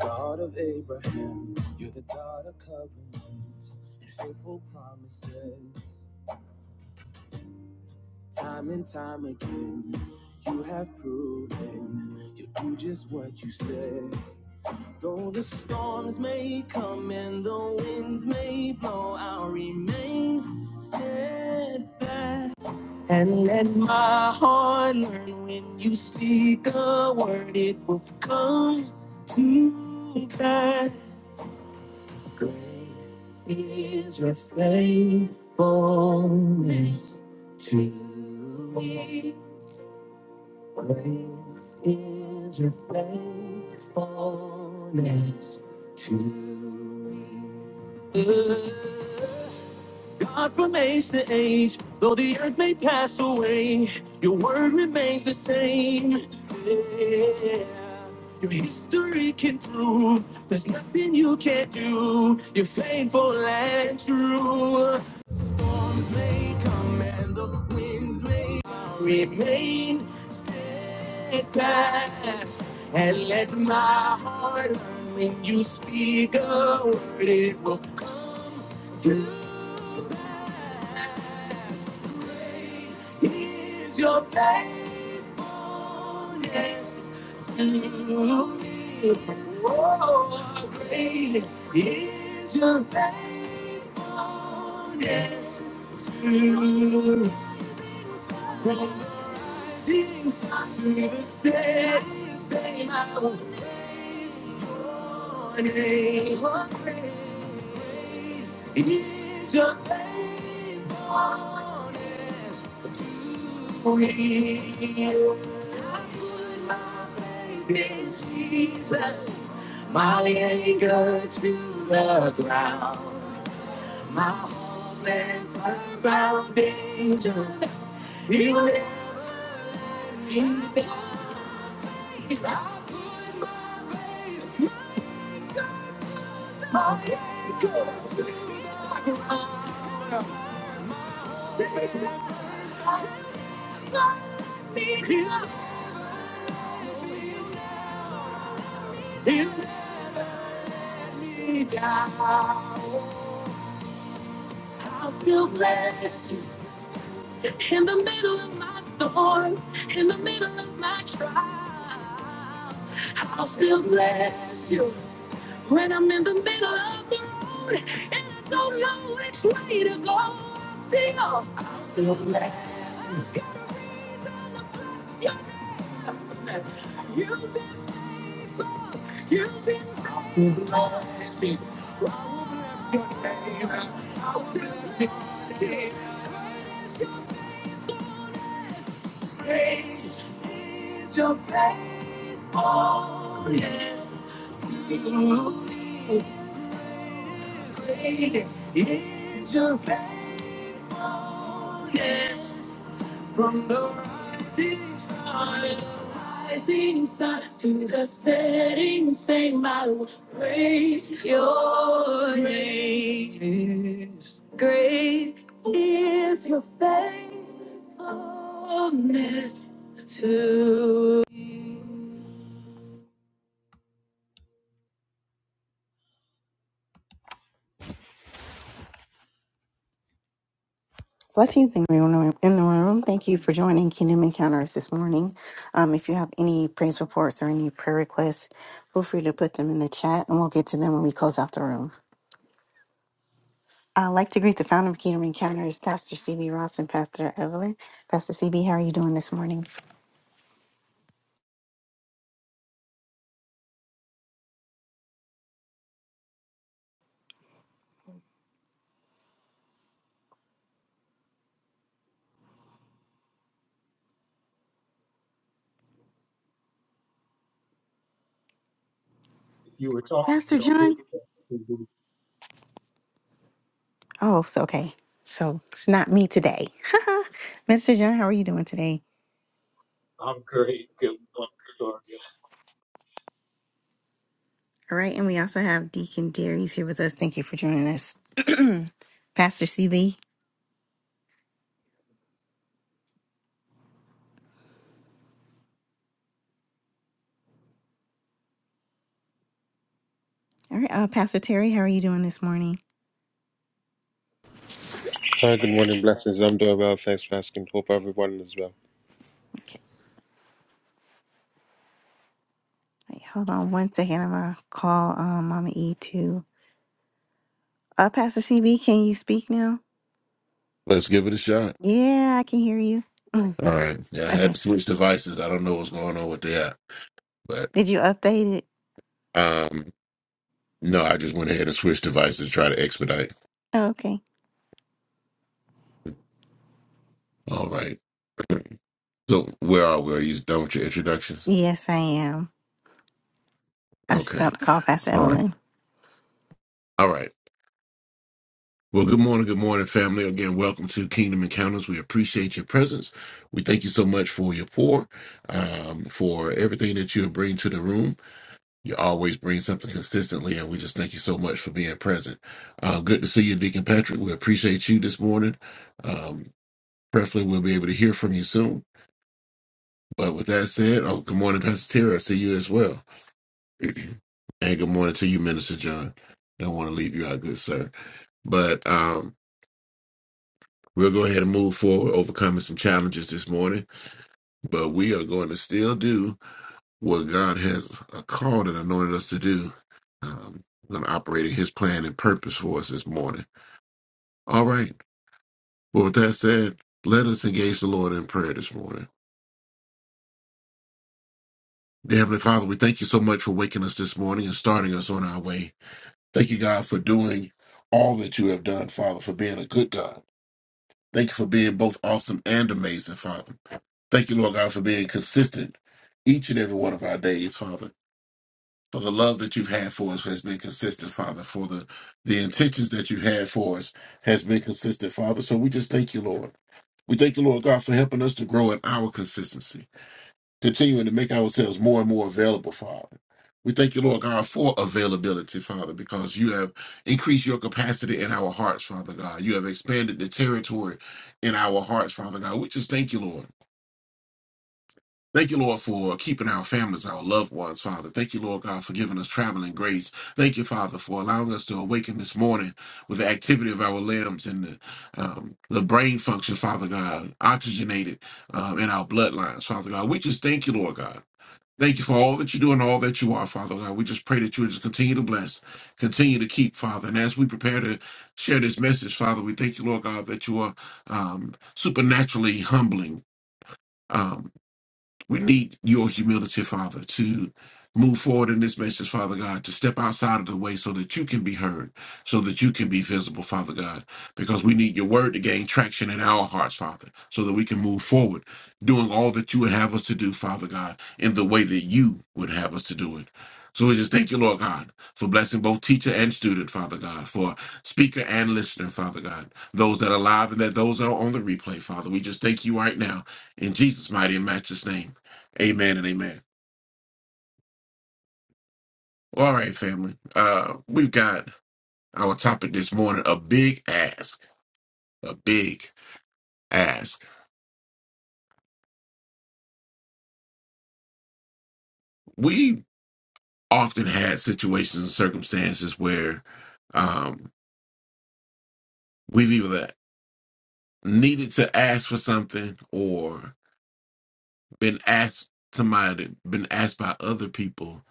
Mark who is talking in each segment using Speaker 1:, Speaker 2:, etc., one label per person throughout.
Speaker 1: God of Abraham, you're the God of covenants and faithful promises. Time and time again, you have proven you do just what you say. Though the storms may come and the winds may blow, I'll remain steadfast. And let my heart learn when you speak a word, it will come to pass. Great is your faithfulness to me. Great is your faithfulness to me. God from age to age, though the earth may pass away, your word remains the same. Yeah. Your history can prove there's nothing you can't do. You're faithful and true storms may come and the winds may remain steadfast. And let my heart learn when you speak a word, it will come to pass. Great is your faithfulness to me. Oh, great is your faithfulness honest to from things to the same, same I will praise your name. It's praise is your faithfulness to me. I put my faith in Jesus, my anchor to the ground. My home and my foundation. Heal it. Heal it. My goes. Heal, heal me down. I'll still bless you in the middle of my storm, in the middle of my trial. I'll still bless you. When I'm in the middle of the road and I don't know which way to go, still, i will still be there. You've been faithful. You've been I'm still blessed. I will bless your name. I'll bless your name. Praise your praise. Is your praise. It's Your boundless From the rising sun, rising sun to the setting, sun. I will praise your name. Great is your faithfulness to Blessings in the room. in the room. Thank you for joining Kingdom Encounters this morning. Um, if you have any praise reports or any prayer requests, feel free to put them in the chat and we'll get to them when we close out the room. I'd like to greet the founder of Kingdom Encounters, Pastor CB Ross and Pastor Evelyn. Pastor CB, how are you doing this morning?
Speaker 2: If you were talking, we
Speaker 1: Pastor
Speaker 2: don't hear
Speaker 1: John?
Speaker 2: you.
Speaker 1: Oh, so okay. So it's not me today. Mr. John, how are you doing today?
Speaker 2: I'm great. Good morning, Gloria.
Speaker 1: All right. And we also have Deacon Darius here with us. Thank you for joining us. Pastor CB? All right, uh, Pastor Terry, how are you doing this morning?
Speaker 3: Hi, good morning, blessings. I'm doing well. Thanks for asking. Hope everyone is well.
Speaker 1: Okay, wait, hold on one second. I'm gonna call um, Mama E too. Uh, Pastor CB, can you speak now?
Speaker 4: Let's give it a shot.
Speaker 1: Yeah, I can hear you. Mm,
Speaker 4: All right. Yeah, I had
Speaker 1: okay,
Speaker 4: to switch devices. I don't know what's going on with that. But
Speaker 1: did you update it?
Speaker 4: um no, I just went ahead and switched devices to try to expedite.
Speaker 1: Oh, okay.
Speaker 4: All right. So where are we? Are you done with your introductions?
Speaker 1: Yes, I am. I was
Speaker 4: Okay.
Speaker 1: about to call Pastor
Speaker 4: All right.
Speaker 1: Evelyn.
Speaker 4: All right. Well, good morning, good morning, family. Again, welcome to Kingdom Encounters. We appreciate your presence. We thank you so much for your pour, um, for everything that you bring to the room. You always bring something consistently, and we just thank you so much for being present. Uh, good to see you, Deacon Patrick. We appreciate you this morning. Um, preferably, we'll be able to hear from you soon. But with that said, oh, good morning, Pastor Terry. I see you as well. and good morning to you, Minister John. Don't want to leave you out, good sir. But um, we'll go ahead and move forward, overcoming some challenges this morning. But we are going to still do what God has uh, called and anointed us to do. Um, we're going to operate in His plan and purpose for us this morning. All right. Well, with that said, let us engage the Lord in prayer this morning. Dear Heavenly Father, we thank you so much for waking us this morning and starting us on our way. Thank you, God, for doing all that you have done, Father, for being a good God. Thank you for being both awesome and amazing, Father. Thank you, Lord God, for being consistent each and every one of our days, Father. for the love that you've had for us has been consistent, Father. For the the intentions that you've had for us has been consistent, Father. So we just thank you, Lord. We thank you, Lord God, for helping us to grow in our consistency, continuing to make ourselves more and more available, Father. We thank you, Lord God, for availability, Father, because you have increased your capacity in our hearts, Father God. You have expanded the territory in our hearts, Father God. We just thank you, Lord. Thank you, Lord, for keeping our families, our loved ones, Father. Thank you, Lord God, for giving us traveling grace. Thank you, Father, for allowing us to awaken this morning with the activity of our limbs and the, um, the brain function, Father God, oxygenated um, in our bloodlines, Father God. We just thank you, Lord God. Thank you for all that you do and all that you are, Father God. We just pray that you would just continue to bless, continue to keep, Father. And as we prepare to share this message, Father, we thank you, Lord God, that you are um, supernaturally humbling. Um, we need your humility, Father, to move forward in this message, Father God, to step outside of the way so that you can be heard, so that you can be visible, Father God, because we need your word to gain traction in our hearts, Father, so that we can move forward, doing all that you would have us to do, Father God, in the way that you would have us to do it. So we just thank you, Lord God, for blessing both teacher and student, Father God, for speaker and listener, Father God, those that are live and that those that are on the replay, Father. We just thank you right now in Jesus' mighty and matchless name. Amen and amen. Well, all right, family. Uh, we've got our topic this morning a big ask. A big ask. We often had situations and circumstances where um, we've either needed to ask for something or been asked somebody, been asked by other people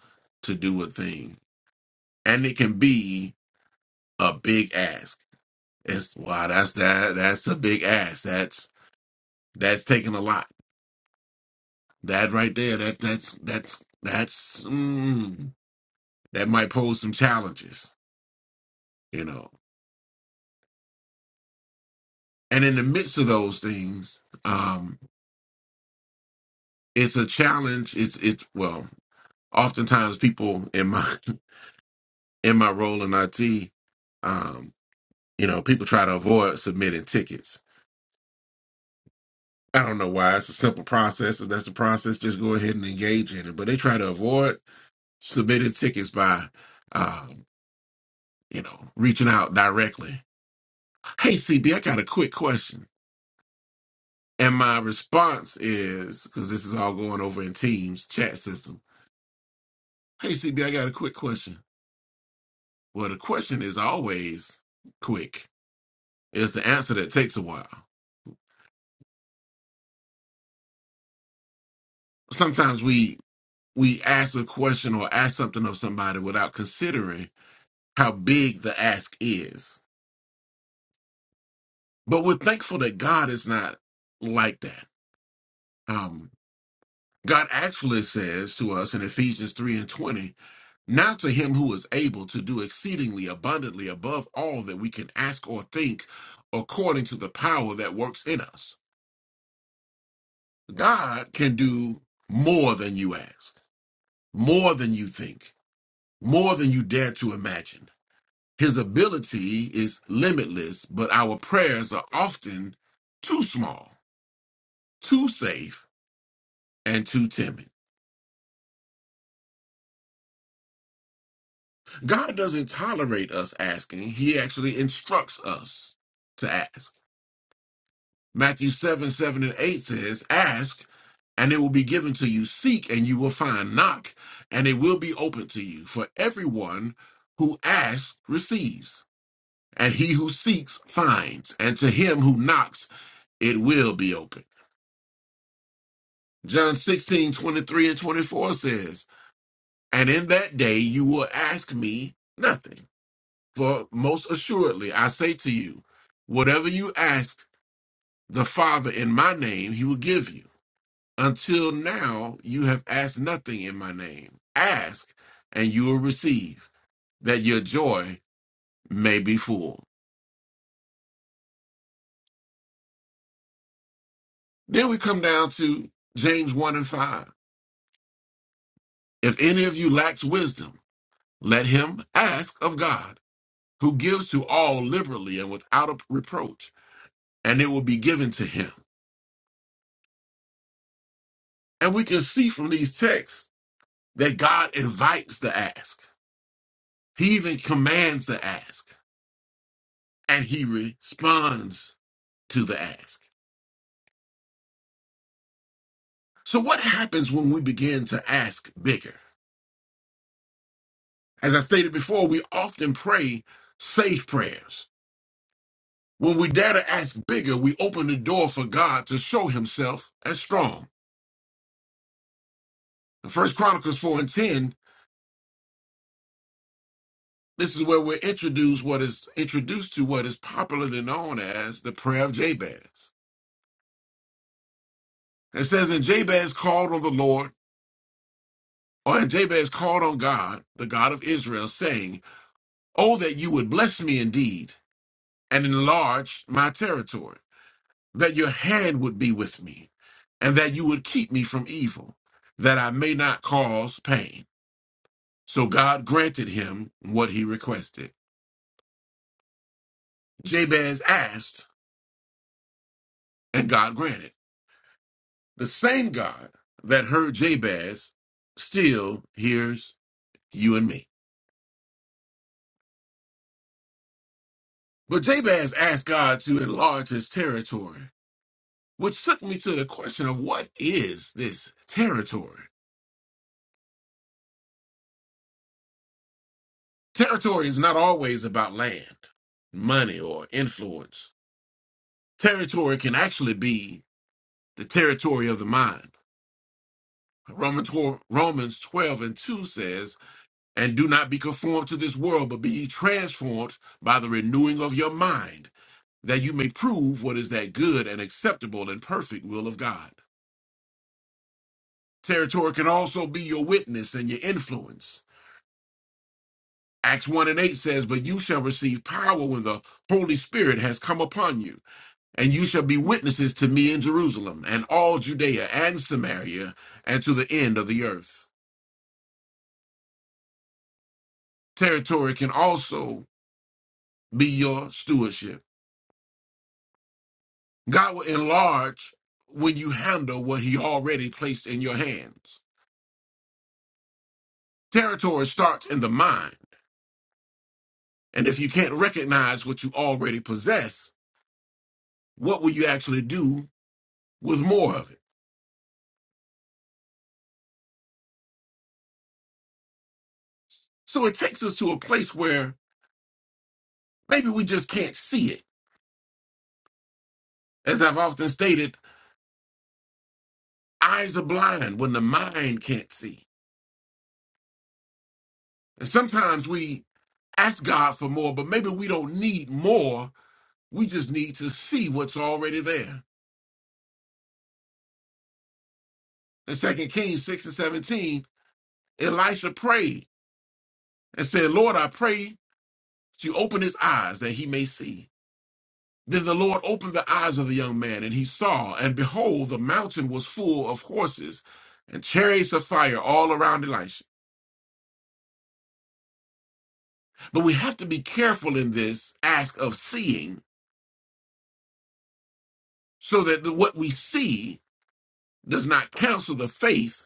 Speaker 4: to do a thing. And it can be a big ask. It's wow, that's that that's a big ask. That's that's taking a lot That right there, that that's that's that's mm, that might pose some challenges, you know. And in the midst of those things, um, it's a challenge. It's it's well, oftentimes people in my in my role in IT, um, you know, people try to avoid submitting tickets. I don't know why. It's a simple process. If that's the process, just go ahead and engage in it. But they try to avoid submitting tickets by, um, you know, reaching out directly. Hey, CB, I got a quick question And my response is because this is all going over in Teams chat system. Hey, CB, I got a quick question. Well, the question is always quick. It's the answer that takes a while. Sometimes we we ask a question or ask something of somebody without considering how big the ask is. But we're thankful that God is not like that. Um, God actually says to us in Ephesians 3 and 20, Now to him who is able to do exceedingly abundantly above all that we can ask or think, according to the power that works in us. God can do more than you ask, more than you think, more than you dare to imagine. His ability is limitless, but our prayers are often too small, too safe, and too timid. God doesn't tolerate us asking, He actually instructs us to ask. Matthew 7, 7 and 8 says, Ask and it will be given to you. Seek and you will find. Knock and it will be open to you. For everyone who asks receives, and he who seeks finds, and to him who knocks it will be open. John 16 23 and 24 says, And in that day you will ask me nothing. For most assuredly I say to you, whatever you ask the Father in my name, he will give you. Until now, you have asked nothing in my name. Ask, and you will receive, that your joy may be full. Then we come down to James 1 and 5. If any of you lacks wisdom, let him ask of God, who gives to all liberally and without a reproach, and it will be given to him. And we can see from these texts that God invites the ask. He even commands the ask, and he responds to the ask. So, what happens when we begin to ask bigger? As I stated before, we often pray safe prayers. When we dare to ask bigger, we open the door for God to show himself as strong. In 1 Chronicles 4 and 10, this is where we're introduced what is introduced to what is popularly known as the prayer of Jabez. It says, And Jabez called on the Lord, or and Jabez called on God, the God of Israel, saying, Oh, that you would bless me indeed and enlarge my territory that your hand would be with me, and that you would keep me from evil, that I may not cause pain. So God granted him what he requested. Jabez asked, and God granted. The same God that heard Jabez still hears you and me. But Jabez asked God to enlarge his territory, which took me to the question of what is this territory? Territory is not always about land, money, or influence. Territory can actually be the territory of the mind. Romans 12 Romans 12 and 2 says, And do not be conformed to this world, but be ye transformed by the renewing of your mind, that you may prove what is that good and acceptable and perfect will of God. Territory can also be your witness and your influence. Acts 1 and 8 says, But you shall receive power when the Holy Spirit has come upon you And you shall be witnesses to me in Jerusalem and all Judea and Samaria and to the end of the earth. Territory can also be your stewardship. God will enlarge when you handle what He already placed in your hands. Territory starts in the mind. And if you can't recognize what you already possess, what will you actually do with more of it? So it takes us to a place where maybe we just can't see it. As I've often stated, eyes are blind when the mind can't see. And sometimes we ask God for more, but maybe we don't need more. We just need to see what's already there. In Second Kings 6 and 17, Elisha prayed and said, Lord, I pray that you open his eyes that he may see. Then the Lord opened the eyes of the young man, and he saw, and behold, the mountain was full of horses and chariots of fire all around Elisha. But we have to be careful in this ask of seeing so that the- what we see does not cancel the faith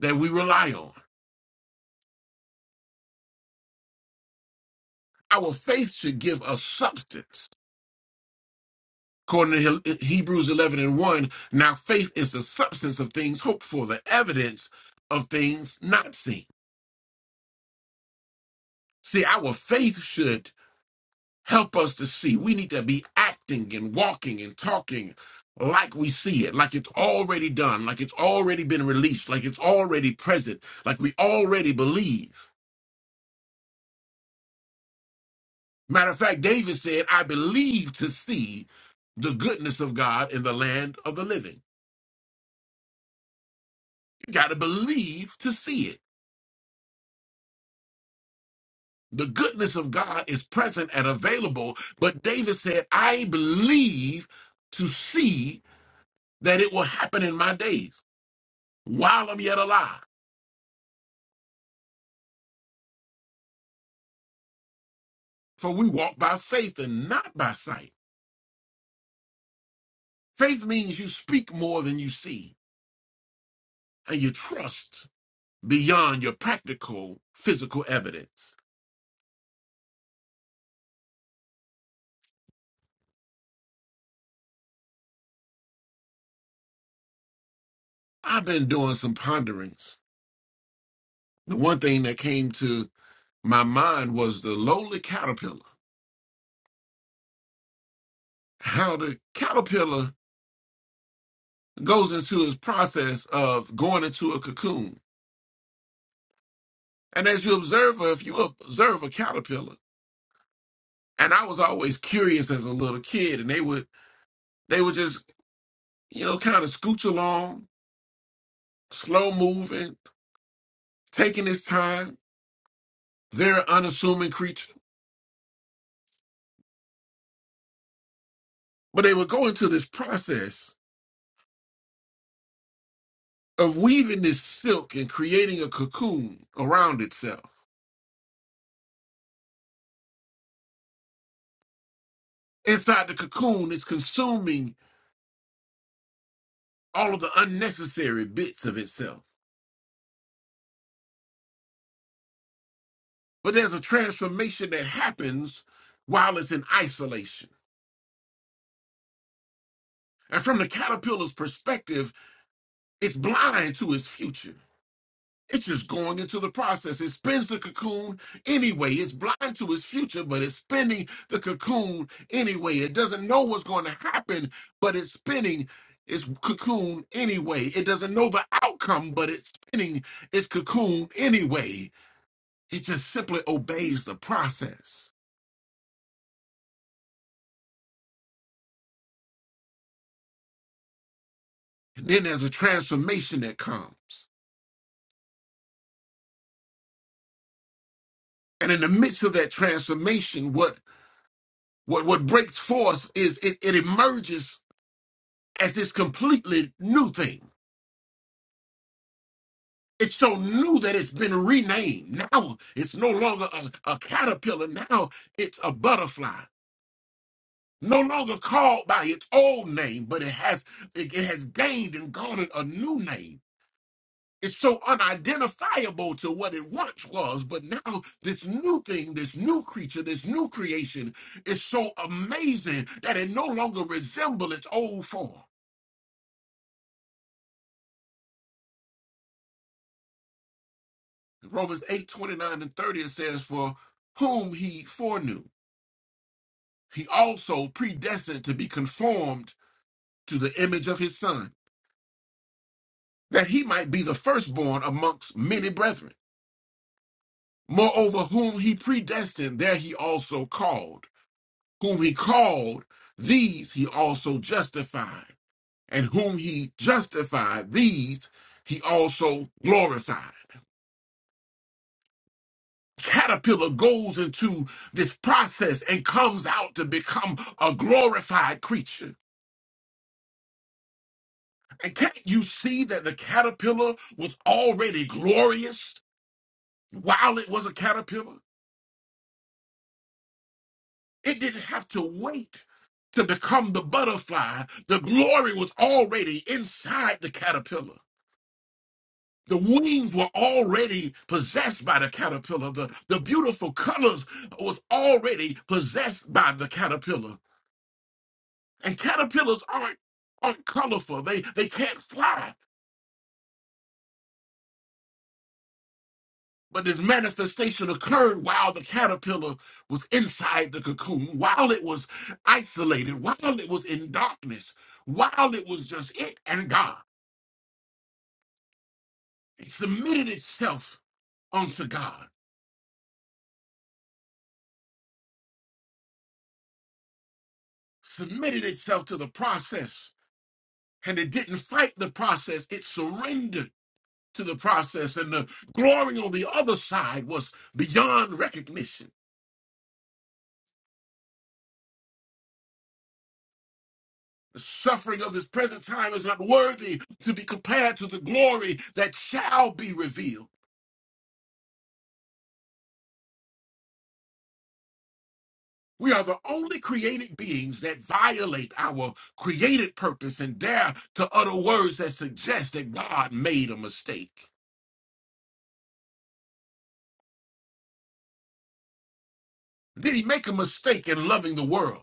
Speaker 4: that we rely on. Our faith should give us substance. According to He- Hebrews 11 and 1, now faith is the substance of things hoped for, the evidence of things not seen. See, our faith should help us to see. We need to be acting and walking and talking like we see it, like it's already done, like it's already been released, like it's already present, like we already believe. Matter of fact, David said, I believe to see the goodness of God in the land of the living. You got to believe to see it. The goodness of God is present and available, but David said, I believe to see that it will happen in my days while I'm yet alive. For we walk by faith and not by sight. Faith means you speak more than you see and you trust beyond your practical physical evidence. I've been doing some ponderings The one thing that came to my mind was the lowly caterpillar. How the caterpillar goes into its process of going into a cocoon. And as you observe, her, if you observe a caterpillar, and I was always curious as a little kid, and they would they would just you know kind of scooch along, slow moving, taking its time. They're an unassuming creature, but they would go into this process of weaving this silk and creating a cocoon around itself Inside the cocoon, it's consuming all of the unnecessary bits of itself. But there's a transformation that happens while it's in isolation. And from the caterpillar's perspective, it's blind to its future. It's just going into the process. It spins the cocoon anyway. It's blind to its future, but it's spinning the cocoon anyway. It doesn't know what's going to happen, but it's spinning its cocoon anyway. It doesn't know the outcome, but it's spinning its cocoon anyway. He just simply obeys the process. And then there's a transformation that comes. And in the midst of that transformation, what what, what breaks forth is it, it emerges as this completely new thing. It's so new that it's been renamed. Now it's no longer a, a caterpillar. Now it's a butterfly. No longer called by its old name, but it has it, it has gained and garnered a new name It's so unidentifiable to what it once was, but now this new thing, this new creature, this new creation is so amazing that it no longer resembles its old form. Romans 8 29 and 30 it says, For whom he foreknew, he also predestined to be conformed to the image of his son, that he might be the firstborn amongst many brethren. Moreover, whom he predestined, there he also called whom he called, these he also justified. And whom he justified, these he also glorified. Caterpillar goes into this process and comes out to become a glorified creature. And can't you see that the caterpillar was already glorious while it was a caterpillar? It didn't have to wait to become the butterfly. The glory was already inside the caterpillar. The wings were already possessed by the caterpillar. The, the beautiful colors was already possessed by the caterpillar. And caterpillars aren't, aren't colorful. They, they can't fly. But this manifestation occurred while the caterpillar was inside the cocoon, while it was isolated, while it was in darkness, while it was just it and God. It submitted itself unto God, submitted itself to the process and it didn't fight the process, it surrendered to the process. And the glory on the other side was beyond recognition. The suffering of this present time is not worthy to be compared to the glory that shall be revealed. We are the only created beings that violate our created purpose and dare to utter words that suggest that God made a mistake. Did he make a mistake in loving the world?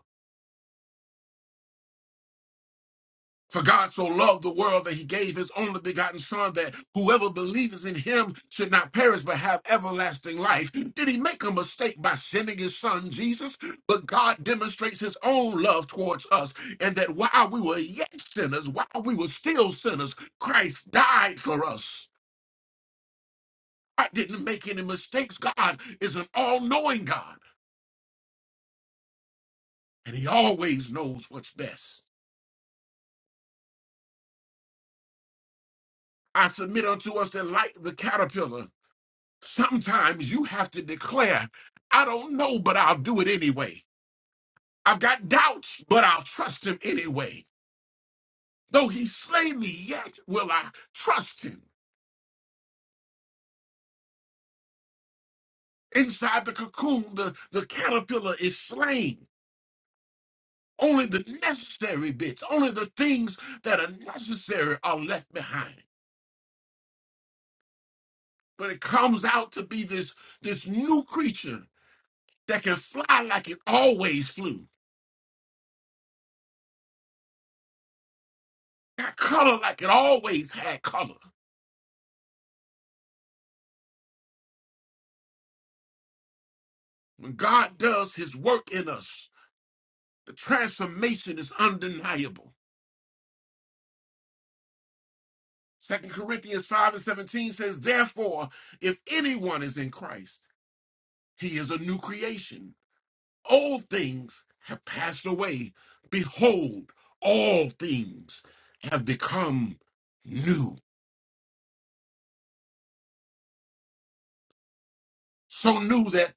Speaker 4: For God so loved the world that he gave his only begotten Son, that whoever believes in him should not perish but have everlasting life. Did he make a mistake by sending his Son, Jesus? But God demonstrates his own love towards us, and that while we were yet sinners, while we were still sinners, Christ died for us. I didn't make any mistakes. God is an all knowing God, and he always knows what's best. I submit unto us that, like the caterpillar, Sometimes you have to declare, I don't know, but I'll do it anyway. I've got doubts, but I'll trust him anyway. Though he slay me, yet will I trust him. Inside the cocoon, the, the caterpillar is slain. Only the necessary bits, only the things that are necessary are left behind. But it comes out to be this, this new creature that can fly like it always flew, got color like it always had color. When God does his work in us, the transformation is undeniable. Second Corinthians 5 and 17 says, Therefore, if anyone is in Christ, he is a new creation. Old things have passed away. Behold, all things have become new. So new that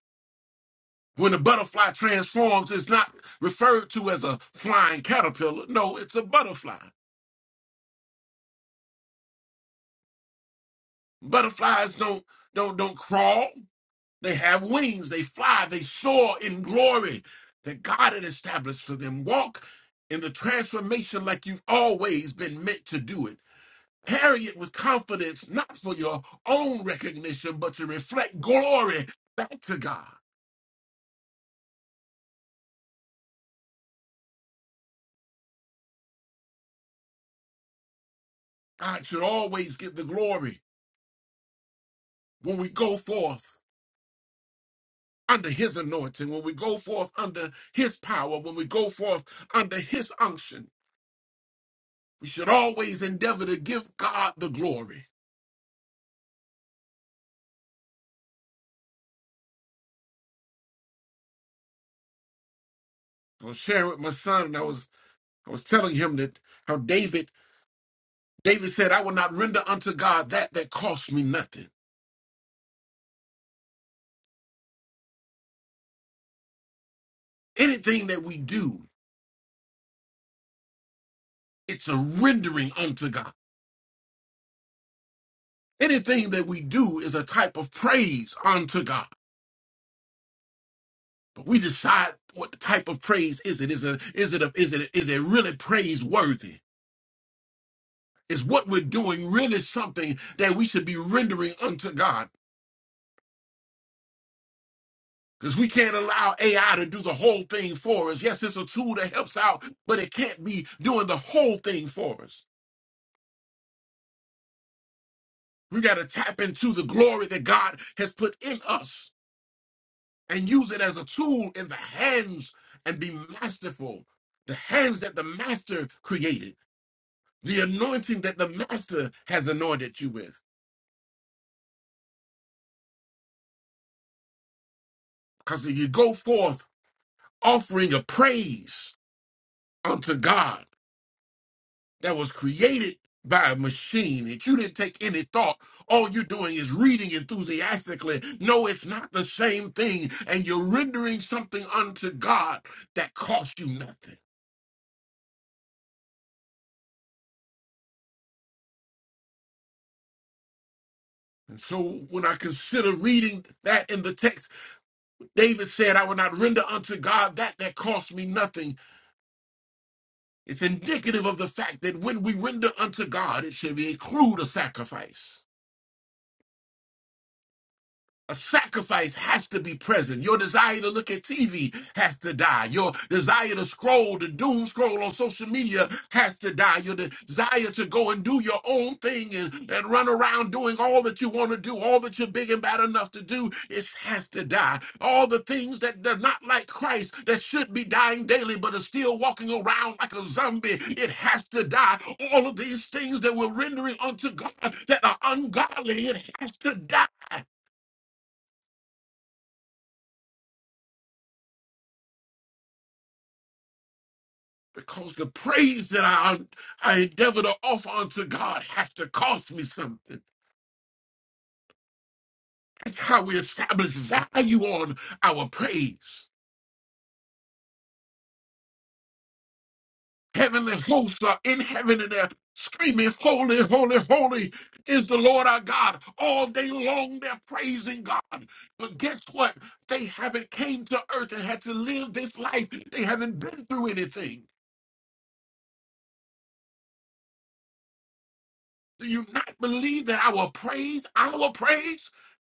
Speaker 4: when a butterfly transforms, it's not referred to as a flying caterpillar. No, it's a butterfly. Butterflies don't don't don't crawl. They have wings, they fly, they soar in glory that God had established for them. Walk in the transformation like you've always been meant to do it. Carry it with confidence, not for your own recognition, but to reflect glory back to God. God should always get the glory when we go forth under his anointing, when we go forth under his power, when we go forth under his unction. We should always endeavor to give God the glory. I was sharing with my son, and I was I was telling him that how David, David said, I will not render unto God that that costs me nothing. Anything that we do, it's a rendering unto God. Anything that we do is a type of praise unto God. But we decide what the type of praise is it. Is it is it a, is it is it really praiseworthy? Is what we're doing really something that we should be rendering unto God? Because we can't allow AI to do the whole thing for us. Yes, it's a tool that helps out, but it can't be doing the whole thing for us. We got to tap into the glory that God has put in us and use it as a tool in the hands and be masterful. The hands that the master created, the anointing that the master has anointed you with. Because if you go forth offering a praise unto God, that was created by a machine that you didn't take any thought. All you're doing is reading enthusiastically. No, it's not the same thing. And you're rendering something unto God that costs you nothing. And so when I consider reading that in the text, David said, I will not render unto God that that costs me nothing. It's indicative of the fact that when we render unto God, it should be include a sacrifice. a sacrifice has to be present. Your desire to look at TV has to die. Your desire to scroll, the doom scroll on social media has to die. Your de- desire to go and do your own thing and, and run around doing all that you want to do, all that you're big and bad enough to do, it has to die. All the things that are not like Christ that should be dying daily but are still walking around like a zombie, it has to die. All of these things that we're rendering unto God that are ungodly, it has to die. because the praise that I I endeavor to offer unto God has to cost me something. That's how we establish value on our praise. Heavenly hosts are in heaven and they're screaming, Holy, holy, holy is the Lord our God. All day long they're praising God. But guess what? They haven't came to earth and had to live this life. They haven't been through anything. Do you not believe that our praise, our praise,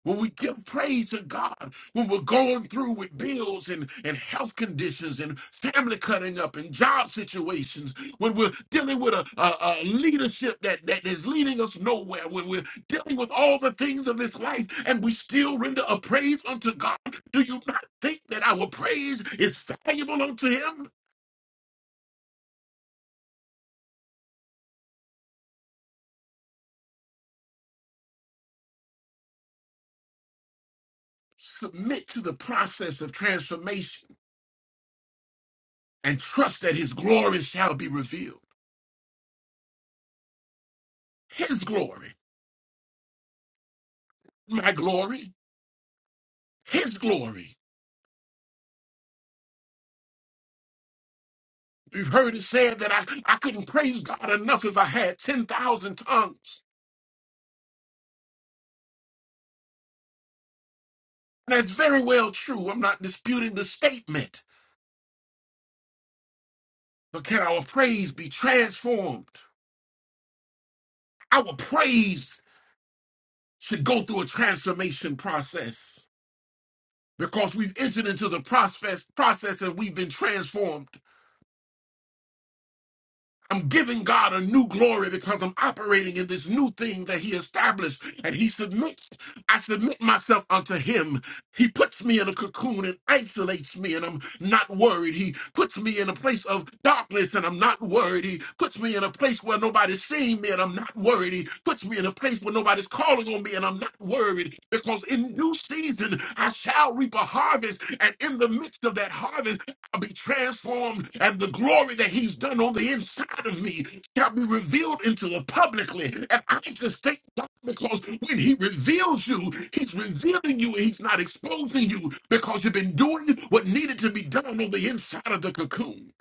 Speaker 4: when we give praise to God, when we're going through with bills and, and health conditions and family cutting up and job situations, when we're dealing with a, a, a leadership that, that is leading us nowhere, when we're dealing with all the things of this life and we still render a praise unto God, do you not think that our praise is valuable unto Him? Submit to the process of transformation and trust that his glory shall be revealed. His glory, my glory, his glory. You've heard it said that I, I couldn't praise God enough if I had 10,000 tongues. That's very well true. I'm not disputing the statement. But can our praise be transformed? Our praise should go through a transformation process because we've entered into the process, process and we've been transformed. I'm giving God a new glory because I'm operating in this new thing that He established. And He submits, I submit myself unto Him. He puts me in a cocoon and isolates me, and I'm not worried. He puts me in a place of darkness, and I'm not worried. He puts me in a place where nobody's seeing me, and I'm not worried. He puts me in a place where nobody's calling on me, and I'm not worried. Because in due season, I shall reap a harvest. And in the midst of that harvest, shall be transformed and the glory that he's done on the inside of me shall be revealed into the publicly. And I just thank God because when he reveals you, he's revealing you and he's not exposing you because you've been doing what needed to be done on the inside of the cocoon.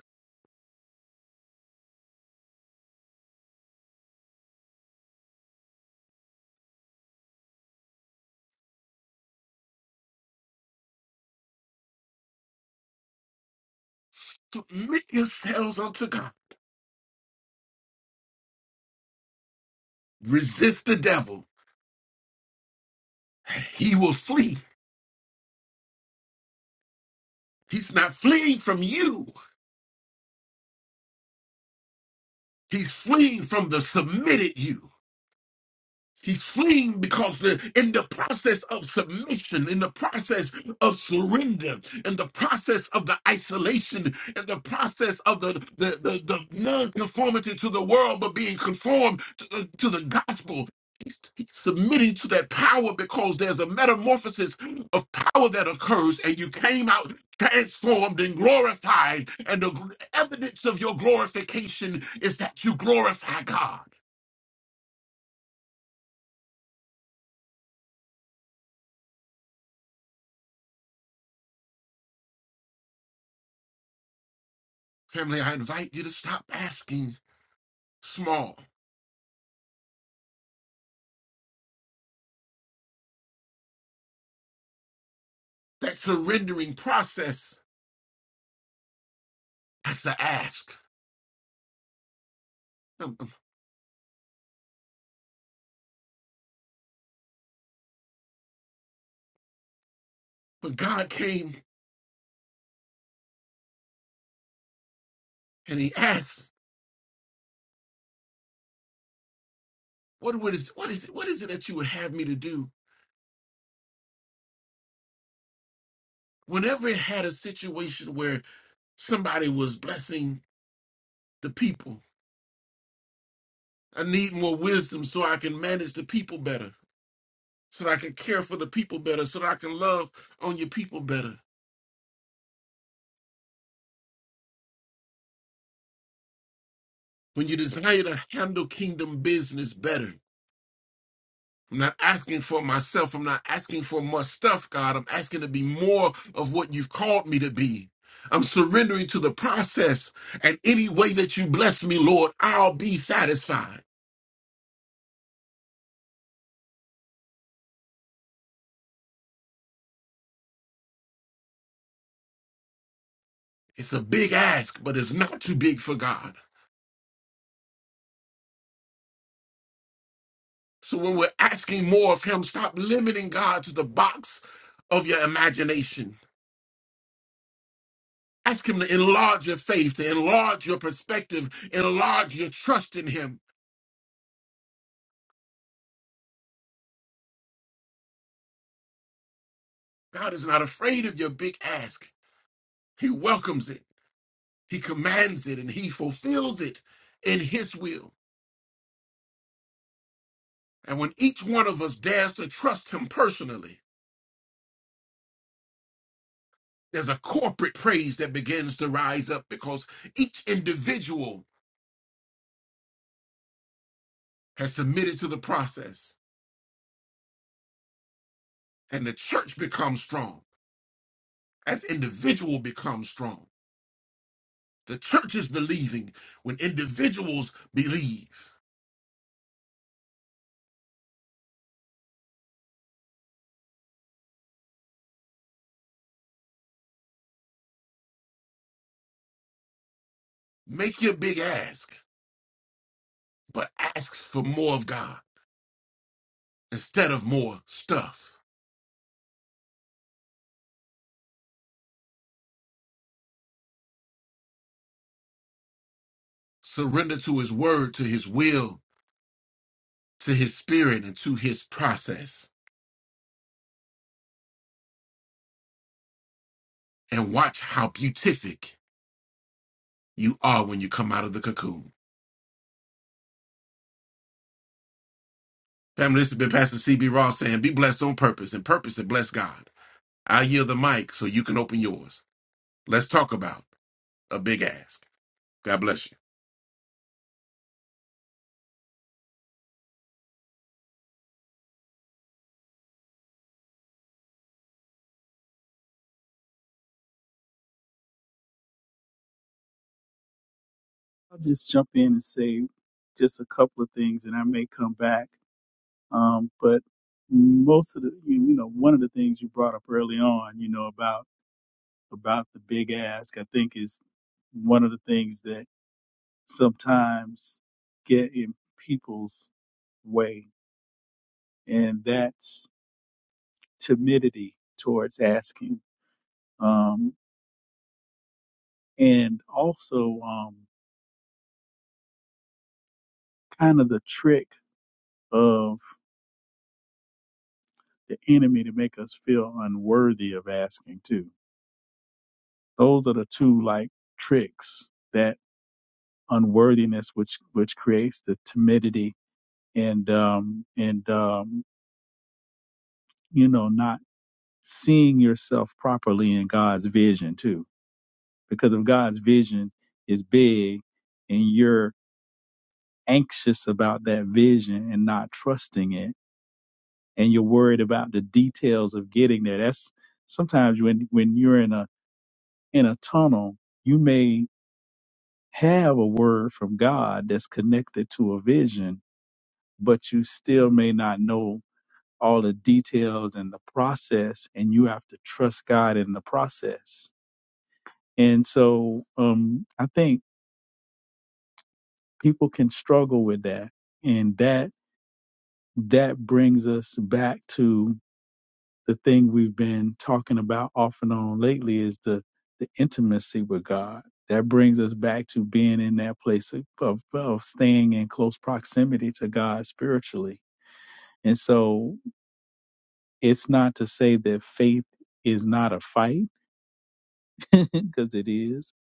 Speaker 4: Submit yourselves unto God. Resist the devil. He will flee. He's not fleeing from you. He's fleeing from the submitted you. He's fleeing because the, in the process of submission, in the process of surrender, in the process of the isolation, in the process of the, the, the, the non-conformity to the world, but being conformed to the, to the gospel, he's, he's submitting to that power because there's a metamorphosis of power that occurs and you came out transformed and glorified. And the evidence of your glorification is that you glorify God. Family, I invite you to stop asking small. That surrendering process, that's the ask. Um, um, But God came and he asked, what, what, is, what, is, what is it that you would have me to do? Whenever it had a situation where somebody was blessing the people, I need more wisdom so I can manage the people better, so that I can care for the people better, so that I can love on your people better. When you desire to handle kingdom business better, I'm not asking for myself. I'm not asking for much stuff, God. I'm asking to be more of what you've called me to be. I'm surrendering to the process. And any way that you bless me, Lord, I'll be satisfied. It's a big ask, but it's not too big for God. So when we're asking more of Him, stop limiting God to the box of your imagination. Ask Him to enlarge your faith, to enlarge your perspective, enlarge your trust in Him. God is not afraid of your big ask, He welcomes it. He commands it and he fulfills it in his will. And when each one of us dares to trust him personally, there's a corporate praise that begins to rise up because each individual has submitted to the process and the church becomes strong as individual becomes strong. The church is believing when individuals believe. Make your big ask, but ask for more of God instead of more stuff. Surrender to his word, to his will, to his spirit and to his process and watch how beatific you are when you come out of the cocoon. Family, this has been Pastor CB Ross saying, Be blessed on purpose and purpose and bless God. I yield the mic so you can open yours. Let's talk about a big ask. God bless you.
Speaker 2: I'll just jump in and say just a couple of things, and I may come back. Um, but most of the, you, you know, one of the things you brought up early on, you know, about about the big ask, I think is one of the things that sometimes get in people's way, and that's timidity towards asking, um, and also um, kind of the trick. of the enemy to make us feel unworthy of asking too. Those are the two like tricks that unworthiness, which which creates the timidity and um and um you know not seeing yourself properly in God's vision too. Because if God's vision is big and you're anxious about that vision and not trusting it, and you're worried about the details of getting there, that's sometimes when when you're in a in a tunnel, you may have a word from God that's connected to a vision, but you still may not know all the details and the process, and you have to trust God in the process. And so um, I think people can struggle with that. And that that brings us back to. the thing we've been talking about off and on lately is the the intimacy with God. That brings us back to being in that place of, of, of staying in close proximity to God spiritually. And so it's not to say that faith is not a fight, because it is.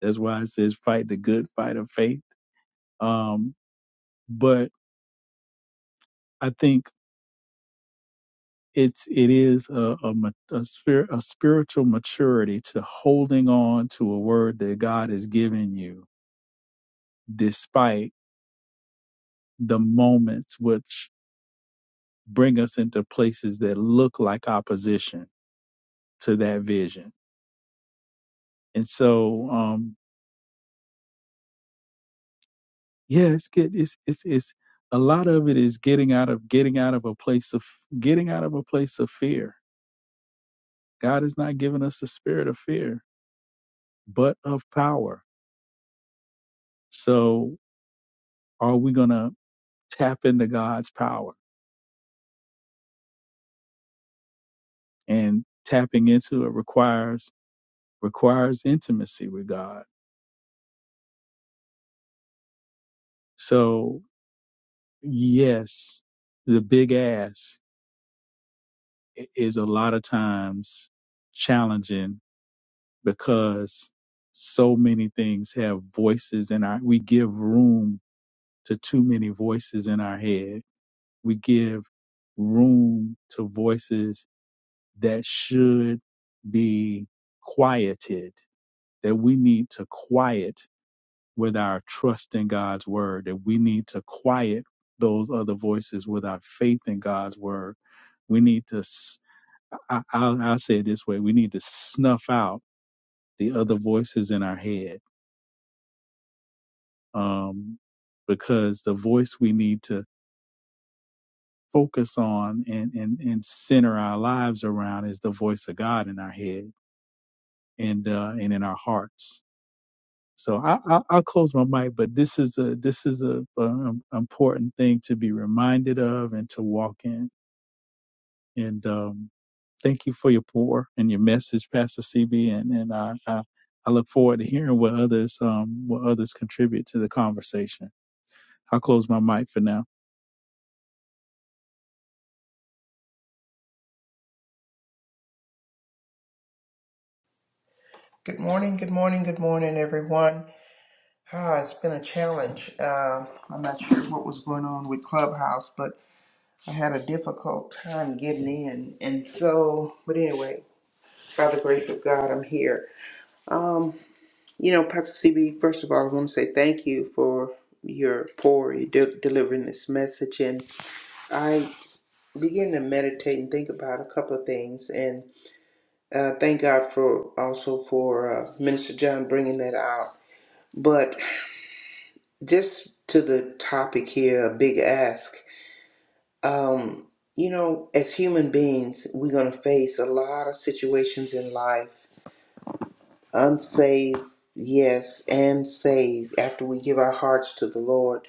Speaker 2: That's why it says fight the good fight of faith. Um, but I think it's it is a a, a, spir- a spiritual maturity to holding on to a word that God has given you despite the moments which bring us into places that look like opposition to that vision. And so, um, yeah, it's get it's it's it's a lot of it is getting out of getting out of a place of getting out of a place of fear. God has not given us the spirit of fear, but of power. So, are we gonna tap into God's power? And tapping into it requires requires intimacy with God. So yes, the big ass i- is a lot of times challenging because so many things have voices in our, we give room to too many voices in our head. We give room to voices that should be quieted, that we need to quiet with our trust in God's word, that we need to quiet those other voices with our faith in God's word. We need to, i will say it this way, we need to snuff out the other voices in our head. Um, because the voice we need to focus on and, and, and center our lives around is the voice of God in our head and, uh, and in our hearts. So I, I, I'll close my mic, but this is a this is a, um important thing to be reminded of and to walk in. And um, thank you for your pour and your message, Pastor CB, and and I, I I look forward to hearing what others um what others contribute to the conversation. I'll close my mic for now.
Speaker 5: Good morning, good morning, good morning, everyone. Ah, it's been a challenge. Uh, I'm not sure what was going on with Clubhouse, but I had a difficult time getting in. And so, but anyway, by the grace of God, I'm here. Um, you know, Pastor CB, first of all, I want to say thank you for your pour, you de- delivering this message. And I began to meditate and think about a couple of things. And uh, thank God for also for uh, Minister John bringing that out. But just to the topic here, a big ask. Um, you know, as human beings, we're going to face a lot of situations in life, unsaved, yes, and saved after we give our hearts to the Lord.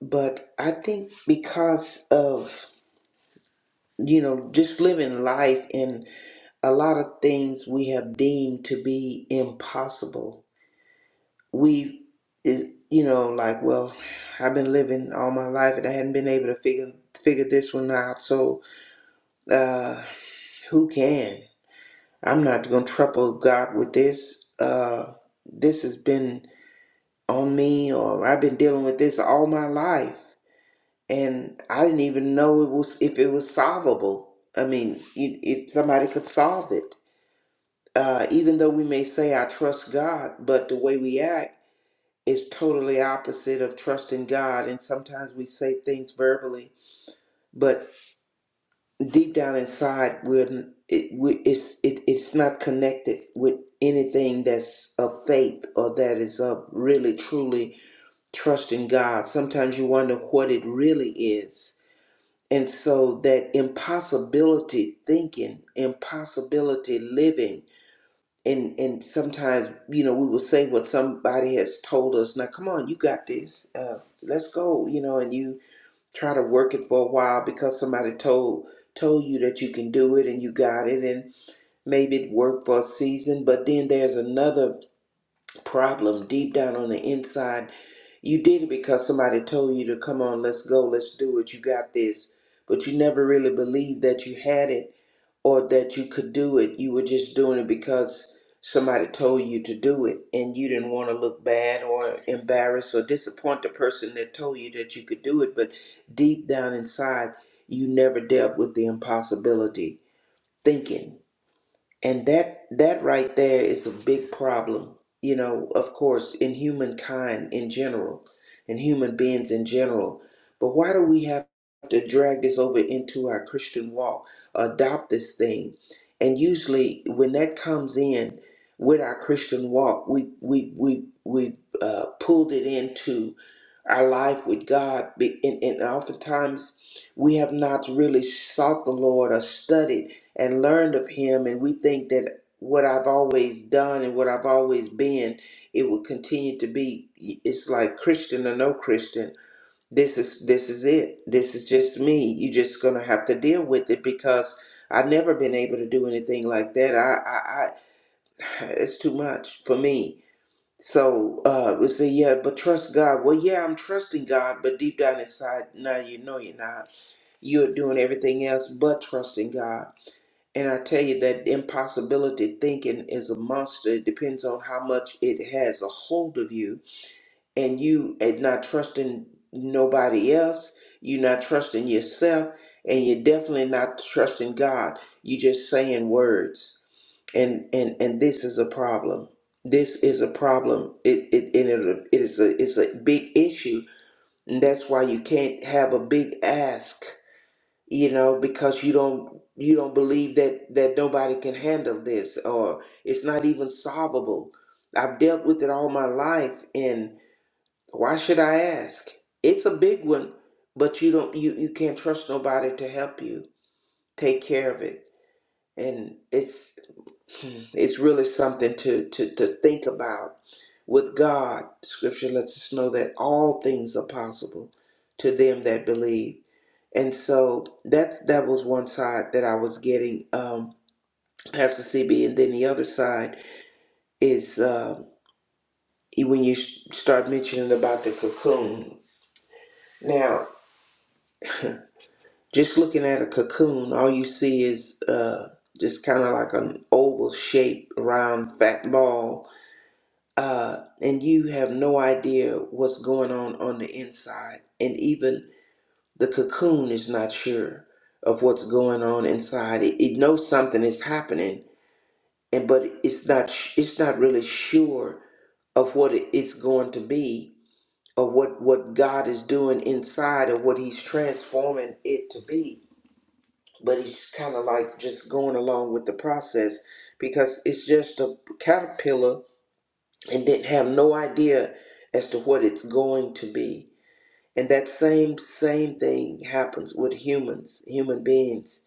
Speaker 5: But I think because of, you know, just living life and a lot of things we have deemed to be impossible we is you know like well i've been living all my life and i hadn't been able to figure figure this one out so uh who can i'm not gonna trouble god with this uh this has been on me or i've been dealing with this all my life and i didn't even know it was if it was solvable i mean you- if somebody could solve it uh even though we may say i trust god but the way we act is totally opposite of trusting God. And sometimes we say things verbally, but deep down inside, we're it, we, it's it, it's not connected with anything that's of faith or that is of really truly trusting God. Sometimes you wonder what it really is. And so that impossibility thinking, impossibility living, and and sometimes you know we will say what somebody has told us now come on you got this uh, let's go you know and you try to work it for a while because somebody told told you that you can do it and you got it and maybe it worked for a season but then there's another problem deep down on the inside you did it because somebody told you to come on let's go let's do it you got this but you never really believed that you had it or that you could do it. You were just doing it because somebody told you to do it and you didn't want to look bad or embarrass or disappoint the person that told you that you could do it. But deep down inside, you never dealt with the impossibility thinking and that that right there is a big problem you know of course in humankind in general in human beings in general but why do we have to drag this over into our christian walk adopt this thing and usually when that comes in with our christian walk we we we we uh, pulled it into our life with god Be- and, and oftentimes we have not really sought the lord or studied and learned of him and we think that what i've always done and what i've always been it will continue to be it's like christian or no christian this is this is it this is just me you're just gonna have to deal with it because i've never been able to do anything like that i i, I it's too much for me so uh we say yeah but trust god well yeah i'm trusting god but deep down inside now you know you're not you're doing everything else but trusting god and I tell you that impossibility thinking is a monster. It depends on how much it has a hold of you. And you are not trusting nobody else. You're not trusting yourself. And you're definitely not trusting God. You're just saying words. And and and this is a problem. This is a problem. It it and it, it is a it's a big issue. And that's why you can't have a big ask you know because you don't you don't believe that that nobody can handle this or it's not even solvable i've dealt with it all my life and why should i ask it's a big one but you don't you you can't trust nobody to help you take care of it and it's it's really something to, to, to think about. With God, scripture lets us know that all things are possible to them that believe. And so that's that was one side that I was getting, um, Pastor CB, and then the other side is um, e, when you s- start mentioning about the cocoon. Now, just looking at a cocoon, all you see is uh, just kind of like an oval shape, round, fat ball uh, and you have no idea what's going on on the inside. And even the cocoon is not sure of what's going on inside. It, it knows something is happening, and but it's not it's not really sure of what it- it's going to be or what what God is doing inside of what He's transforming it to be. But he's kind of like just going along with the process because it's just a caterpillar and didn't have no idea as to what it's going to be. And that same same thing happens with humans, human beings.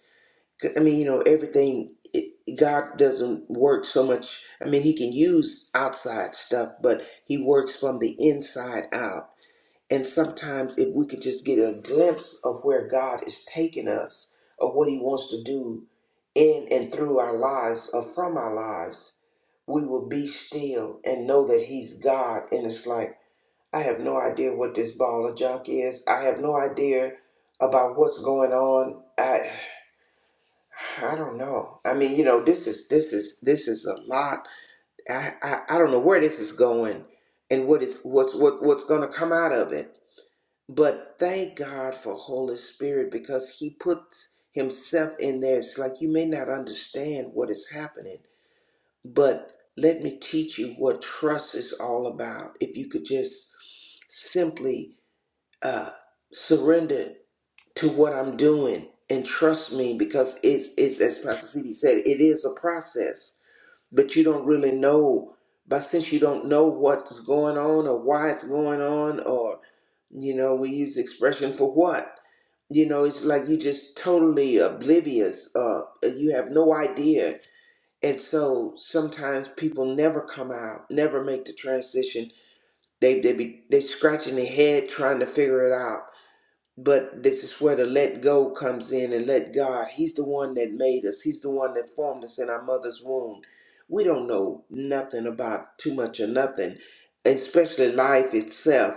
Speaker 5: I mean, you know, everything. It, God doesn't work so much. I mean, He can use outside stuff, but He works from the inside out. And sometimes, if we could just get a glimpse of where God is taking us or what He wants to do in and through our lives or from our lives, we will be still and know that He's God. And it's like, I have no idea what this ball of junk is. I have no idea about what's going on. I. I don't know. I mean, you know, this is this is this is a lot. I, I I don't know where this is going, and what is what's what what's going to come out of it but thank God for Holy Spirit because He puts Himself in there. It's like you may not understand what is happening, but let me teach you what trust is all about. If you could just simply uh, surrender to what I'm doing and trust me, because it's, it's as Pastor CB said, it is a process but you don't really know. But since you don't know what's going on or why it's going on, or, you know, we use the expression for what, you know, it's like you just totally oblivious. Uh, you have no idea. And so sometimes people never come out, never make the transition. They, they be they scratching their head trying to figure it out but this is where the let go comes in and let God. He's the one that made us, He's the one that formed us in our mother's womb. We don't know nothing about too much or nothing, and especially life itself.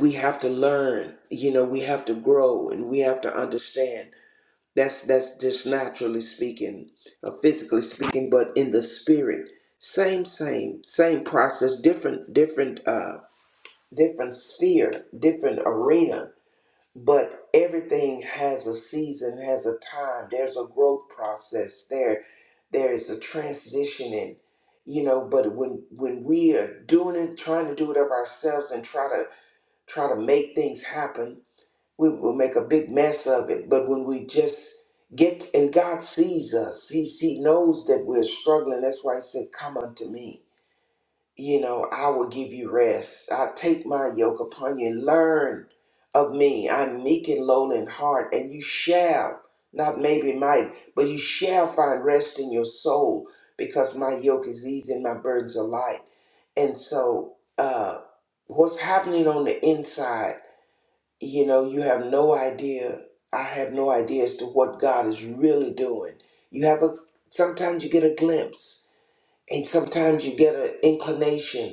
Speaker 5: We have to learn, you know, we have to grow and we have to understand. That's that's just naturally speaking, or physically speaking, but in the spirit. Same, same, same process, different, different uh different sphere, different arena but everything has a season, has a time. There's a growth process. There, there is a transitioning, you know. But when when we are doing it, trying to do it of ourselves and try to try to make things happen, we will make a big mess of it. But when we just get and God sees us, He He knows that we're struggling. That's why He said, "Come unto me." you know, I will give you rest. I take my yoke upon you. Learn of me. I'm meek and lowly in heart, and you shall, not maybe might, but you shall find rest in your soul because my yoke is easy and my burdens are light. And so, uh, what's happening on the inside, you know, you have no idea. I have no idea as to what God is really doing. You have a, sometimes you get a glimpse, and sometimes you get an inclination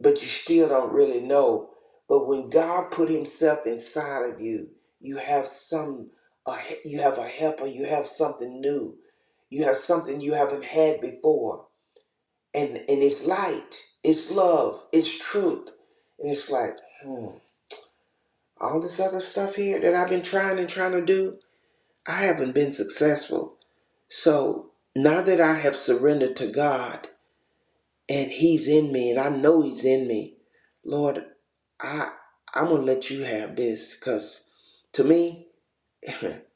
Speaker 5: but you still don't really know. But when God put Himself inside of you, you have some, a he- you have a helper, you have something new, you have something you haven't had before, and and it's light, it's love, it's truth, and it's like, hmm, all this other stuff here that I've been trying and trying to do, I haven't been successful. So now that I have surrendered to God. and he's in me and i know he's in me lord i i'm gonna let you have this because to me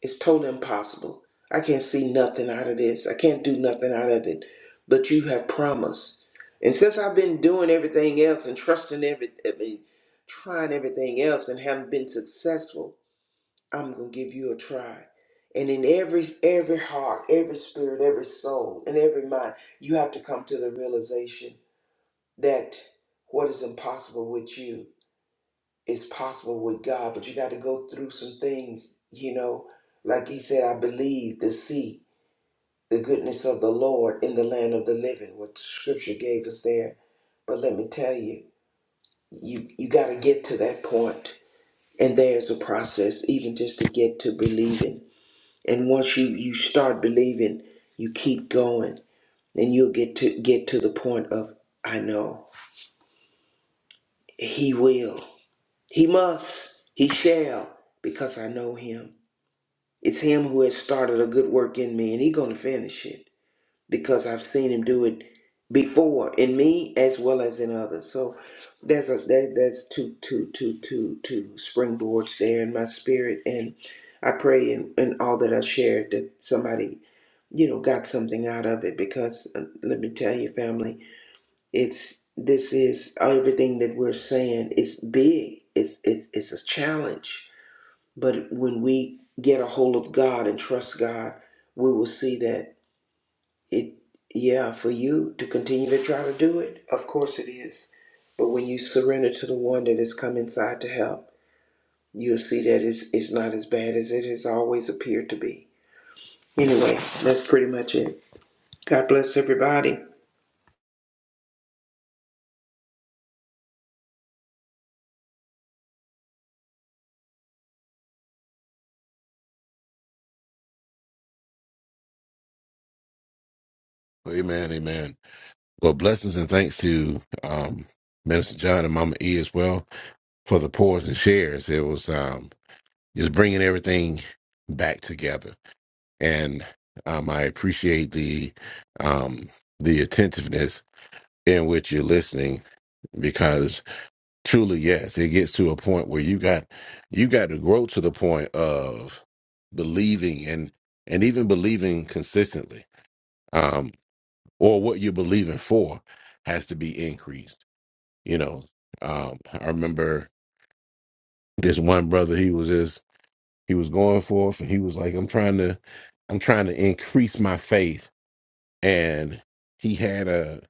Speaker 5: it's totally impossible i can't see nothing out of this i can't do nothing out of it but you have promised and since i've been doing everything else and trusting every i mean trying everything else and haven't been successful i'm gonna give you a try and in every every heart every spirit every soul and every mind you have to come to the realization that what is impossible with you is possible with God, but you got to go through some things, you know. Like he said, I believe to see the goodness of the Lord in the land of the living, what the scripture gave us there. But let me tell you, you, you got to get to that point. And there's a process, even just to get to believing. And once you, you start believing, you keep going. And you'll get to get to the point of, I know, he will. He must, he shall, because I know him. It's him who has started a good work in me, and he's going to finish it because I've seen him do it before in me as well as in others. So there's a there, there's two two two two two springboards there in my spirit, and I pray in, in all that I shared that somebody you know got something out of it because uh, let me tell you, family. It's this is everything that we're saying. It's big. It's it's it's a challenge. But when we get a hold of God and trust God, we will see that it. Yeah, for you to continue to try to do it, of course it is. But when you surrender to the one that has come inside to help, you'll see that it's it's not as bad as it has always appeared to be. Anyway, that's pretty much it. God bless everybody.
Speaker 4: Amen, amen. Well, blessings and thanks to um, Minister John and Mama E as well for the pours and shares. It was um, just bringing everything back together. and um, I appreciate the um, the attentiveness in which you're listening because truly, yes, it gets to a point where you got you got to grow to the point of believing and and even believing consistently, um, or what you're believing for has to be increased. You know, um, I remember this one brother he was just he was going forth and he was like, I'm trying to I'm trying to increase my faith and he had a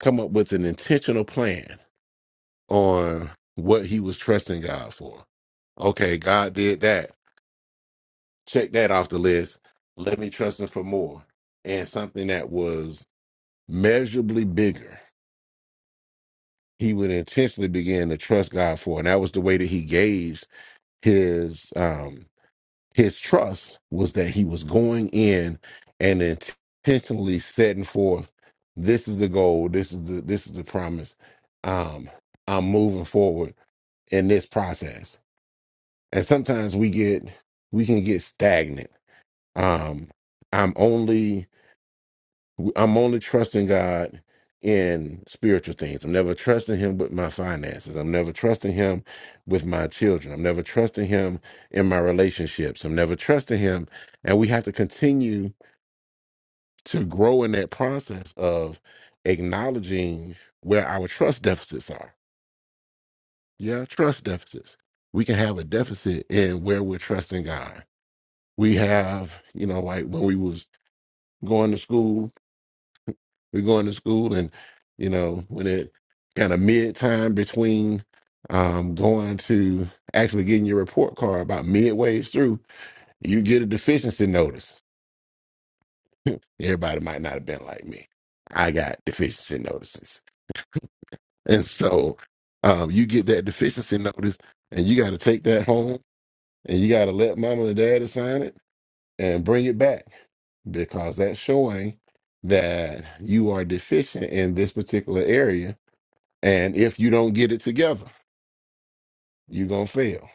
Speaker 4: come up with an intentional plan on what he was trusting God for. Okay, God did that. Check that off the list. Let me trust him for more. And something that was measurably bigger, he would intentionally begin to trust God for. And that was the way that he gauged his um his trust was that he was going in and intentionally setting forth this is the goal this is the this is the promise um i'm moving forward in this process and sometimes we get we can get stagnant um i'm only I'm only trusting God in spiritual things. I'm never trusting Him with my finances. I'm never trusting Him with my children. I'm never trusting Him in my relationships. I'm never trusting Him. And we have to continue to grow in that process of acknowledging where our trust deficits are. Yeah, trust deficits. We can have a deficit in where we're trusting God. We have, you know, like when we was going to school, We're going to school, and you know, when it kind of mid time between um, going to actually getting your report card, about midway through, you get a deficiency notice. Everybody might not have been like me. I got deficiency notices, and so um, you get that deficiency notice, and you got to take that home, and you got to let mama and daddy sign it and bring it back because that's showing that you are deficient in this particular area And if you don't get it together, you're going to fail.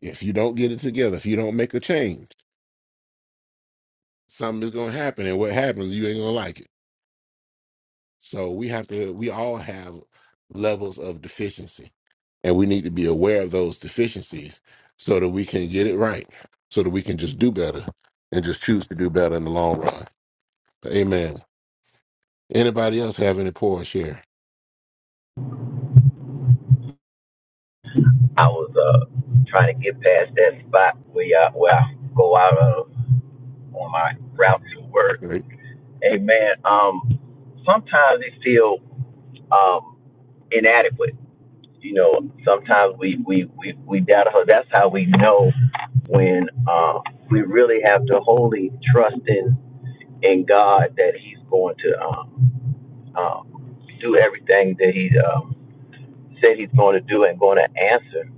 Speaker 4: If you don't get it together, if you don't make a change, something is going to happen. And what happens, you ain't going to like it. So we have to, we all have levels of deficiency. And we need to be aware of those deficiencies so that we can get it right, so that we can just do better and just choose to do better in the long run. Amen. Anybody else have any poor share?
Speaker 6: I was uh trying to get past that spot where I, where I go out of on my route to work.
Speaker 4: Great.
Speaker 6: Amen. um, sometimes it feel um inadequate. You know, sometimes we we we we doubt her. That's how we know when uh, we really have to wholly trust in in God that He's going to um, um, do everything that He um, said He's going to do and going to answer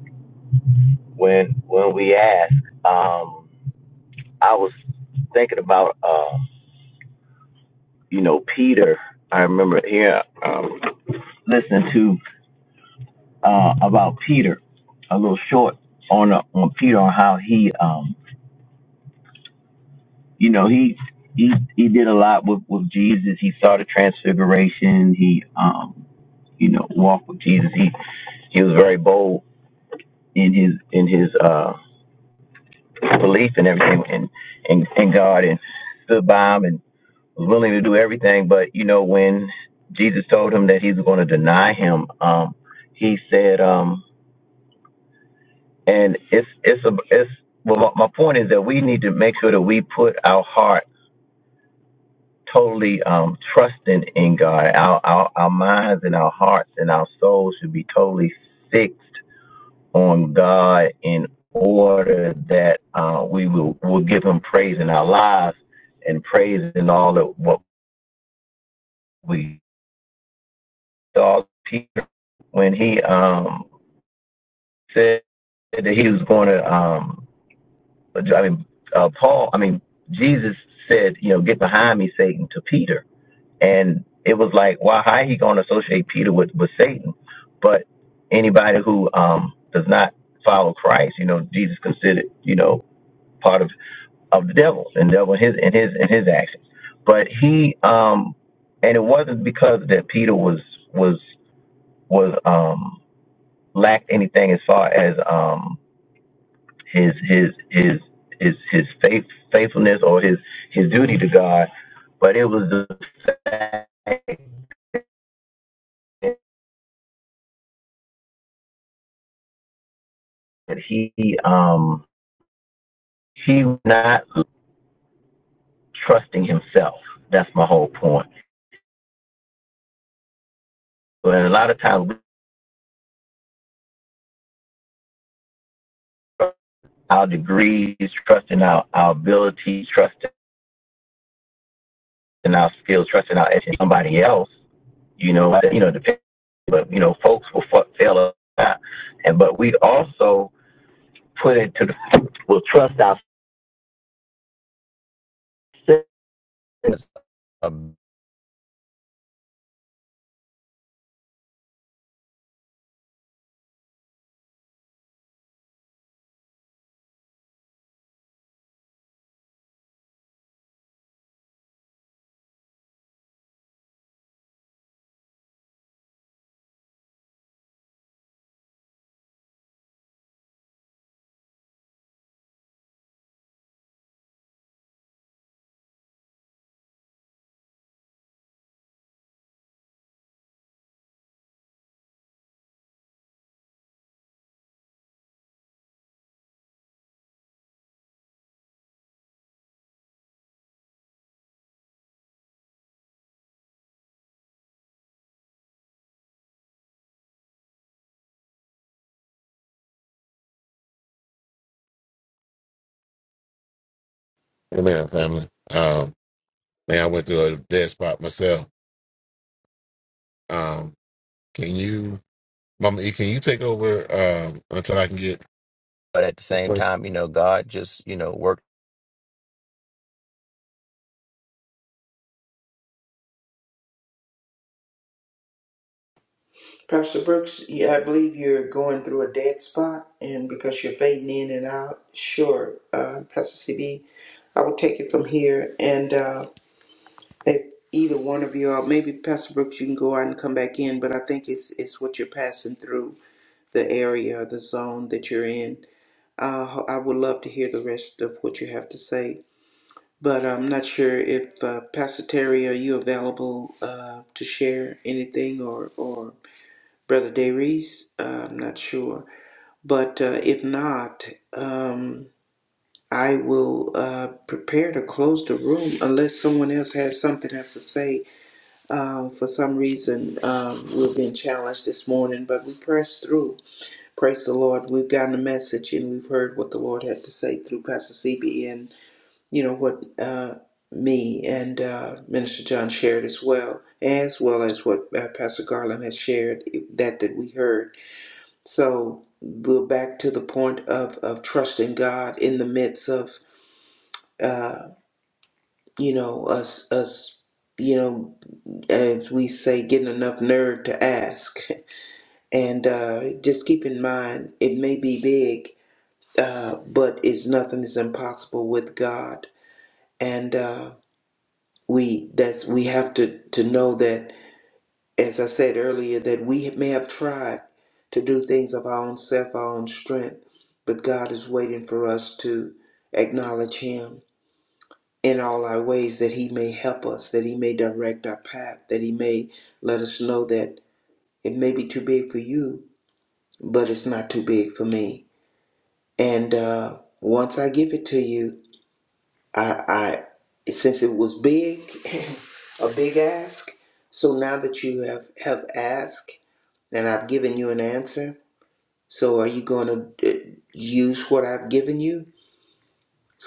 Speaker 6: when when we ask. Um, I was thinking about, uh, you know, Peter. I remember here um, listening to uh, about Peter, a little short on uh, on Peter on how he, um, you know, he he he did a lot with with Jesus. He saw the transfiguration. He, um, you know, walked with Jesus. He he was very bold in his in his uh, belief and everything in in, in God and stood by him and. was willing to do everything, but you know, when Jesus told him that he's going to deny him, um, he said, um, and it's it's a it's well, my my point is that we need to make sure that we put our heart totally um, trusting in God. Our, our our minds and our hearts and our souls should be totally fixed on God in order that uh, we will will give Him praise in our lives and praise in all of what we all. when he um, said that he was going to, um, I mean, uh, Paul, I mean, Jesus said, you know, get behind me, Satan, to Peter. And it was like, why, how he going to associate Peter with, with Satan? But anybody who um, does not follow Christ, you know, Jesus considered, you know, part of, of the devil and devil in his, in his, in his actions. But he, um, and it wasn't because that Peter was, was, was, um, lacked anything as far as, um his his his his his faith faithfulness or his his duty to God, but it was the fact that he um he was not trusting himself. That's my whole point. But a lot of times we trust our degrees, trusting our our abilities, trusting our skills, trusting our education, somebody else. You know, that, you know, depend, but you know, folks will fuck fail us, out. and but we also put it to the will trust ourselves
Speaker 4: Amen, family. Um, man, I went through a dead spot myself. Um, can you? Mama E, can you take over um, until I can get?
Speaker 6: But at the same
Speaker 4: Okay.
Speaker 6: time, you know, God just, you know, worked.
Speaker 5: Pastor Brooks, you- I believe you're going through a dead spot, and because you're fading in and out, sure, uh, Pastor CB, I will take it from here. And uh, if either one of you, all maybe Pastor Brooks, you can go out and come back in, but I think it's it's what you're passing through the area, the zone that you're in. Uh, I would love to hear the rest of what you have to say, but I'm not sure if uh, Pastor Terry, are you available uh, to share anything or or. Brother Darius. Uh, I'm not sure, but uh, if not, um, I will uh, prepare to close the room unless someone else has something else to say. Um, for some reason, um, we've been challenged this morning, but we pressed through. Praise the Lord. We've gotten the message and we've heard what the Lord had to say through Pastor CB and you know what uh, me and uh, Minister John shared as well, as well as what uh, Pastor Garland has shared eh, that that we heard. So we're back to the point of, of trusting God in the midst of, uh, you know, us, us, you know, as we say, getting enough nerve to ask. And uh, just keep in mind, it may be big, uh, but it's nothing is impossible with God. And uh, we that's we have to to know that as I said earlier, that we may have tried to do things of our own self, our own strength, but God is waiting for us to acknowledge Him in all our ways, that He may help us, that He may direct our path, that He may let us know that it may be too big for you, but it's not too big for me. And uh, once I give it to you, I, I since it was big, a big ask. So now that you have have asked and I've given you an answer. So are you going to use what I've given you?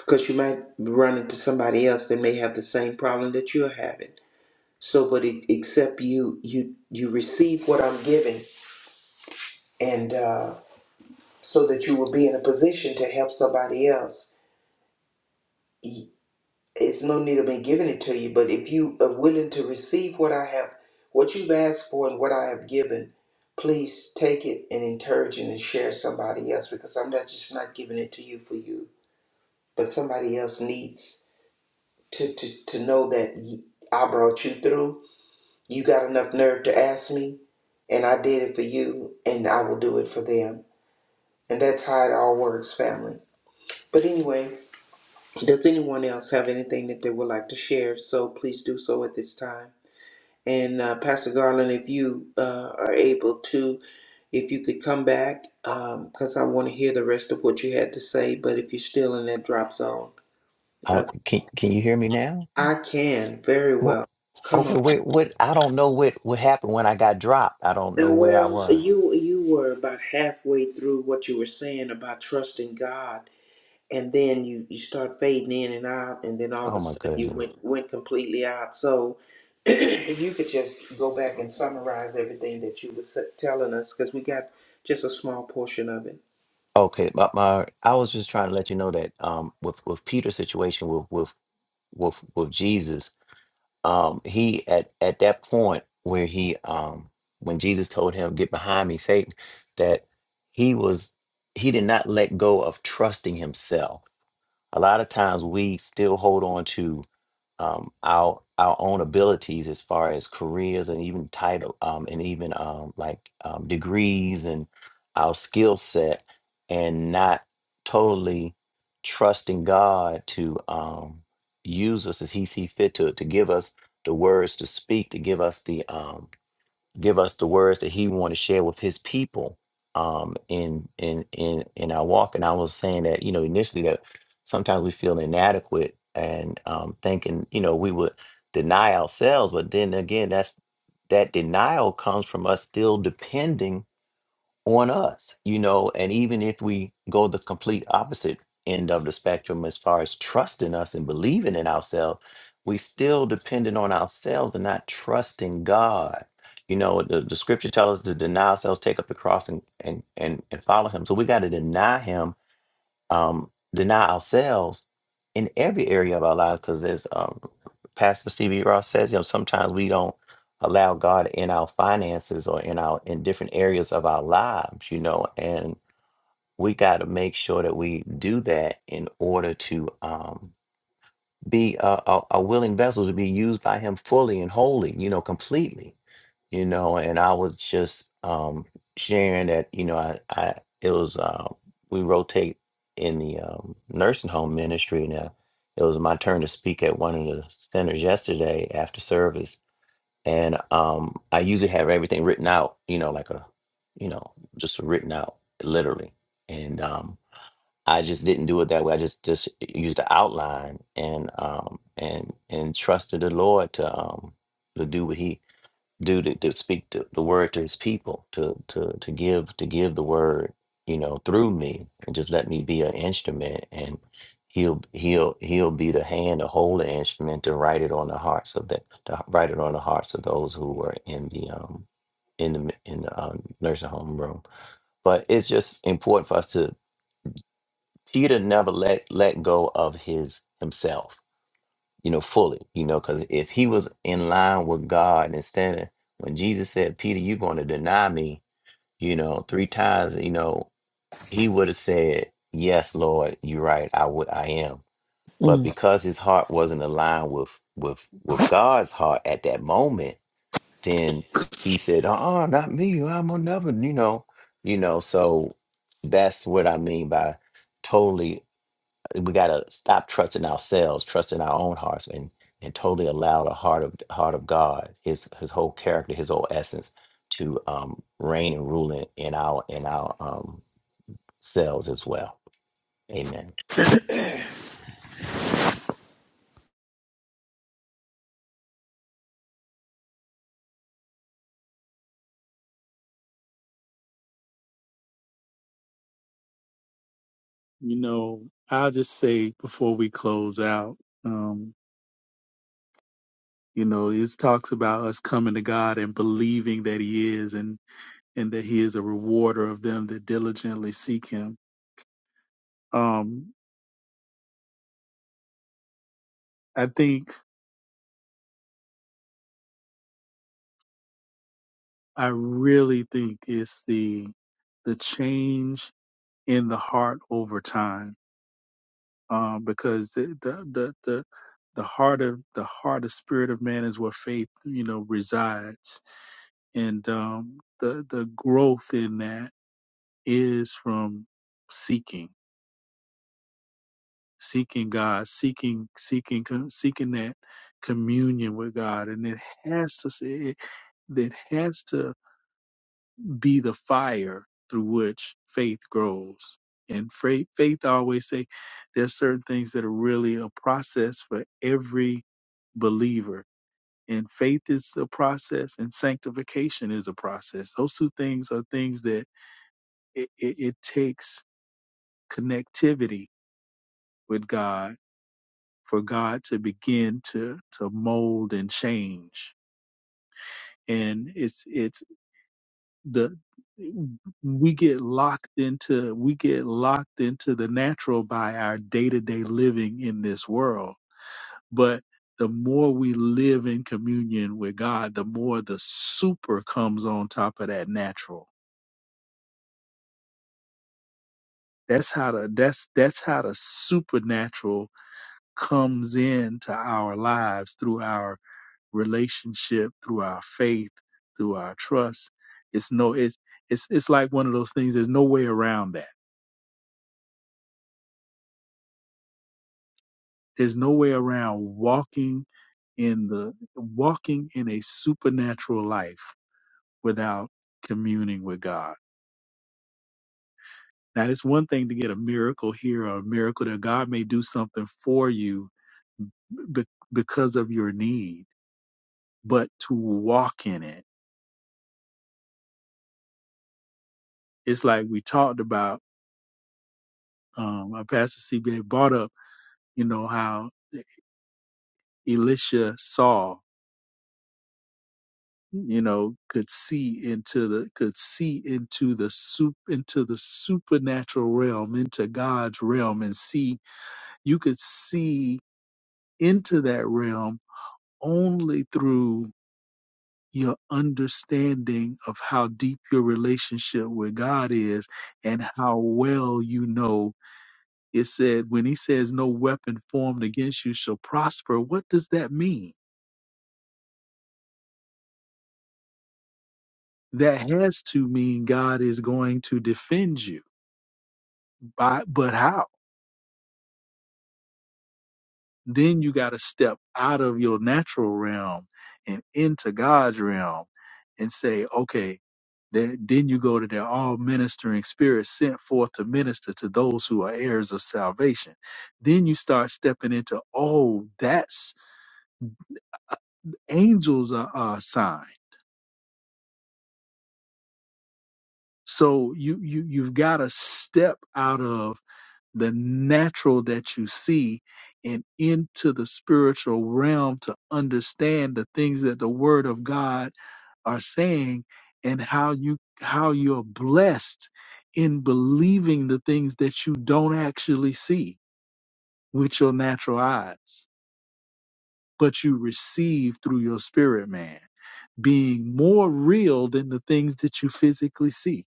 Speaker 5: Because you might run into somebody else that may have the same problem that you're having. So, but it, except you, you, you receive what I'm giving, and uh, so that you will be in a position to help somebody else. it's no need of me giving it to you, but if you are willing to receive what I have, what you've asked for and what I have given, please take it and encourage it and share somebody else because I'm not just not giving it to you for you, but somebody else needs to, to, to know that y- I brought you through. You got enough nerve to ask me, and I did it for you, and I will do it for them. And that's how it all works, family. But anyway, does anyone else have anything that they would like to share? If So please do so at this time. And uh, Pastor Garland, if you uh, are able to, if you could come back, because I want to hear the rest of what you had to say. But if you're still in that drop zone, uh,
Speaker 6: Oh, can can you hear me now?
Speaker 5: I can very well.
Speaker 6: Well,
Speaker 5: Come
Speaker 6: okay.
Speaker 5: on. Uh,
Speaker 6: What what? I don't know what what happened when I got dropped. I don't know where I
Speaker 5: Well,
Speaker 6: was.
Speaker 5: you you were about halfway through what you were saying about trusting God and then you, you start fading in and out and then all of
Speaker 6: Oh
Speaker 5: a
Speaker 6: my
Speaker 5: sudden you
Speaker 6: goodness.
Speaker 5: went went completely out so if you could just go back and summarize everything that you were s- telling us because we got just a small portion of it
Speaker 6: Okay, my, my I was just trying to let you know that um with with Peter's situation with with with with Jesus um he at at that point where he um when Jesus told him get behind me Satan that he was he did not let go of trusting himself a lot of times we still hold on to um, our our own abilities as far as careers and even title um, and even um, like um, degrees and our skill set and not totally trusting God to um, use us as He see fit to to give us the words to speak to give us the um, give us the words that he want to share with his people um in in in in our walk and i was saying that you know initially that sometimes we feel inadequate and um thinking you know we would deny ourselves but then again that's that denial comes from us still depending on us, you know, and even if we go the complete opposite end of the spectrum as far as trusting us and believing in ourselves, we still dependent on ourselves and not trusting God. You know, the, the scripture tells us to deny ourselves, take up the cross and and and, and follow him. So we got to deny him um, deny ourselves in every area of our lives because as um, pastor cb ross says you know sometimes we don't allow god in our finances or in our in different areas of our lives you know and we got to make sure that we do that in order to um, be a, a, a willing vessel to be used by him fully and wholly you know completely you know, and I was just um, sharing that, you know, I, I it was uh, we rotate in the um, nursing home ministry now. It was my turn to speak at one of the centers yesterday after service, and um, I usually have everything written out, you know, like a, you know, just written out literally, and um, I just didn't do it that way. I just just used the outline and um, and and trusted the Lord to um, to do what He do to, to speak to the word to his people to to to give to give the word you know through me and just let me be an instrument and he'll he'll he'll be the hand to hold the instrument to write it on the hearts of the to write it on the hearts of those who were in the um in the in the um, nursing home room but it's just important for us to peter never let let go of his himself you know, fully, you know, because if he was in line with God and standing, when Jesus said, Peter, you're going to deny me, you know, three times, you know, he would have said, Yes, Lord, you're right, I would I am. But
Speaker 5: Mm.
Speaker 6: because his heart wasn't aligned with with with God's heart at that moment, then he said, Uh-uh, not me, I'm another, you know, you know, so that's what I mean by totally we got to stop trusting ourselves, trusting our own hearts, and and totally allow the heart of heart of God, His His whole character, His whole essence, to um, reign and rule in, in our in our um, selves as well. Amen.
Speaker 2: You know, I'll just say before we close out, um, you know, it talks about us coming to God and believing that He is and and that He is a rewarder of them that diligently seek Him Um, I think I really think it's the the change in the heart over time, um, because the the the, the the heart of the heart of spirit of man is where faith you know resides and um the the growth in that is from seeking seeking god seeking seeking co- seeking that communion with god and it has to it, it has to be the fire through which faith grows. And faith, faith, I always say, there's certain things that are really a process for every believer. And faith is a process, and sanctification is a process. Those two things are things that it, it, it takes connectivity with God for God to begin to to mold and change. And it's it's the we get locked into we get locked into the natural by our day-to-day living in this world but the more we live in communion with God the more the super comes on top of that natural that's how the that's that's how the supernatural comes into our lives through our relationship through our faith through our trust it's no it's it's it's like one of those things there's no way around that There's no way around walking in the walking in a supernatural life without communing with God. Now, it's one thing to get a miracle here or a miracle that God may do something for you be- because of your need, but to walk in it, it's like we talked about. Um, our pastor CBA brought up, you know, how Elisha saw. you know could see into the could see into the soup into the supernatural realm into god's realm and see you could see into that realm only through your understanding of how deep your relationship with god is and how well you know it said when he says no weapon formed against you shall prosper what does that mean that has to mean god is going to defend you by but how then you got to step out of your natural realm and into God's realm and say, okay, then, then you go to the all ministering spirits sent forth to minister to those who are heirs of salvation. Then you start stepping into, oh, that's uh, angels are, are assigned. So you, you, you've got to step out of the natural that you see and into the spiritual realm to understand the things that the word of God are saying and how you how you're blessed in believing the things that you don't actually see with your natural eyes but you receive through your spirit man being more real than the things that you physically see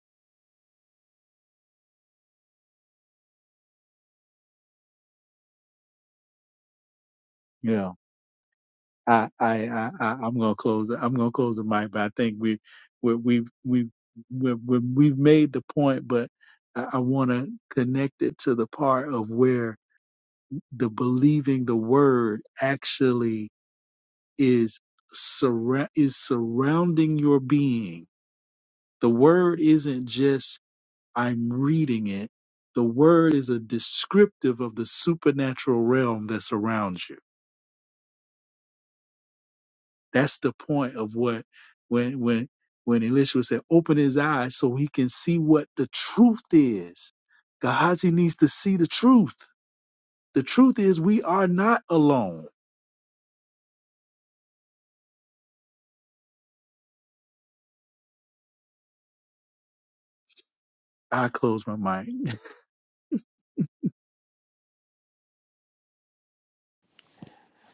Speaker 2: I, I, I, I I'm gonna close. it- I'm gonna close the mic, but I think we, we, we've, we've, we've, we've we've made the point, but I, I want to connect it to the part of where the believing the word actually is surra- is surrounding your being. The word isn't just I'm reading it. The word is a descriptive of the supernatural realm that surrounds you That's the point of what when when when Elisha said, open his eyes so he can see what the truth is. Gehazi needs to see the truth. The truth is we are not alone. I close my mic.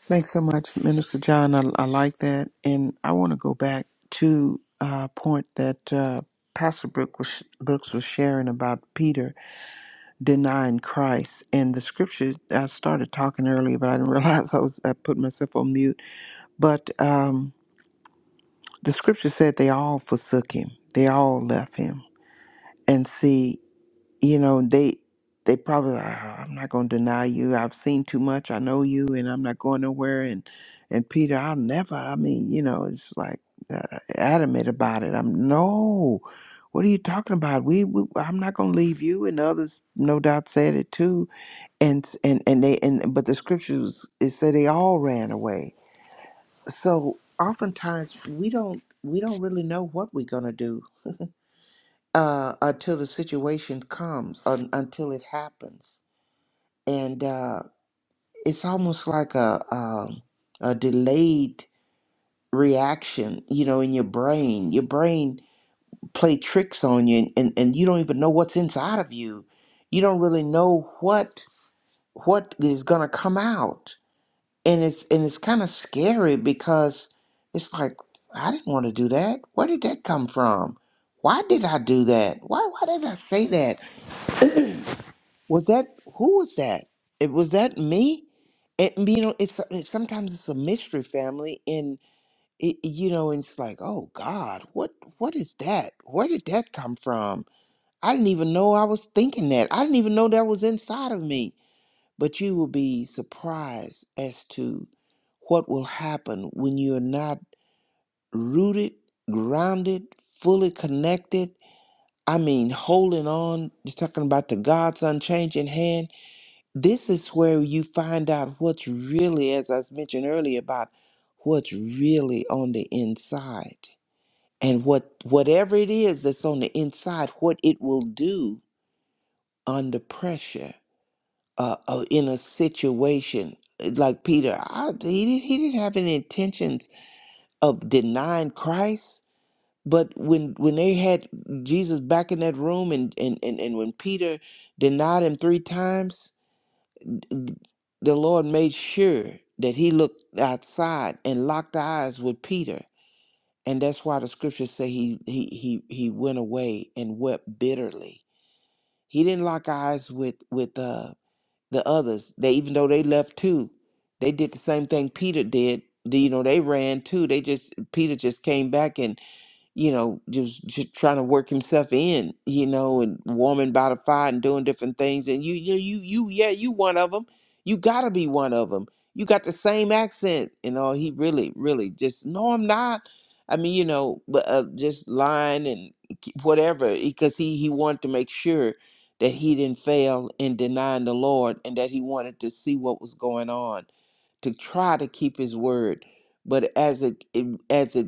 Speaker 5: Thanks so much, Minister John. I, I like that. And I want to go back to a point that uh, Pastor Brooke was, Brooks was sharing about Peter denying Christ. And the scripture, I started talking earlier, but I didn't realize I was I put myself on mute. But. um, the scripture said they all forsook him. They all left him. And see, you know, they they probably "Ah, I'm not going to deny you. I've seen too much. I know you, and I'm not going nowhere. And and Peter, I'll never. I mean, you know, it's like uh, adamant about it. I'm no. What are you talking about? We, we I'm not going to leave you. And others, no doubt, said it too. And and and they and but the scriptures it said they all ran away so oftentimes we don't we don't really know what we're going to do uh, until the situation comes un, until it happens and uh, it's almost like a, um a delayed reaction you know in your brain your brain play tricks on you and, and, and you don't even know what's inside of you you don't really know what what is going to come out and it's and it's kind of scary because it's like I didn't want to do that. Where did that come from? Why did I do that? Why why did I say that? Was that who was that? It was that me. It, you know, it's, it's sometimes it's a mystery family, and it, you know, and it's like, oh God, what what is that? Where did that come from? I didn't even know I was thinking that. I didn't even know that was inside of me but you will be surprised as to what will happen when you're not rooted, grounded, fully connected. I mean, holding on, you're talking about the God's unchanging hand. This is where you find out what's really, as I mentioned earlier, about what's really on the inside. And what whatever it is that's on the inside, what it will do under pressure uh, uh, in a situation eh, like Peter, I, he didn't, he didn't have any intentions of denying Christ. But when when they had Jesus back in that room, and and and, and when Peter denied him three times, the Lord made sure that he looked outside and locked eyes with Peter. And that's why the scriptures say he he he he went away and wept bitterly. He didn't lock eyes with with uh the others. They even though they left too, they did the same thing Peter did. The- You know, they ran too. They just Peter just came back and you know, just just trying to work himself in, you know, and warming by the fire and doing different things. And you, you, you, you, yeah, you one of them. You gotta be one of them. You got the same accent, you know. He really, really just no, I'm not. I mean, you know, but uh, just lying and k- whatever, because he he wanted to make sure that he didn't fail in denying the Lord, and that he wanted to see what was going on to try to keep his word. But as it, it as it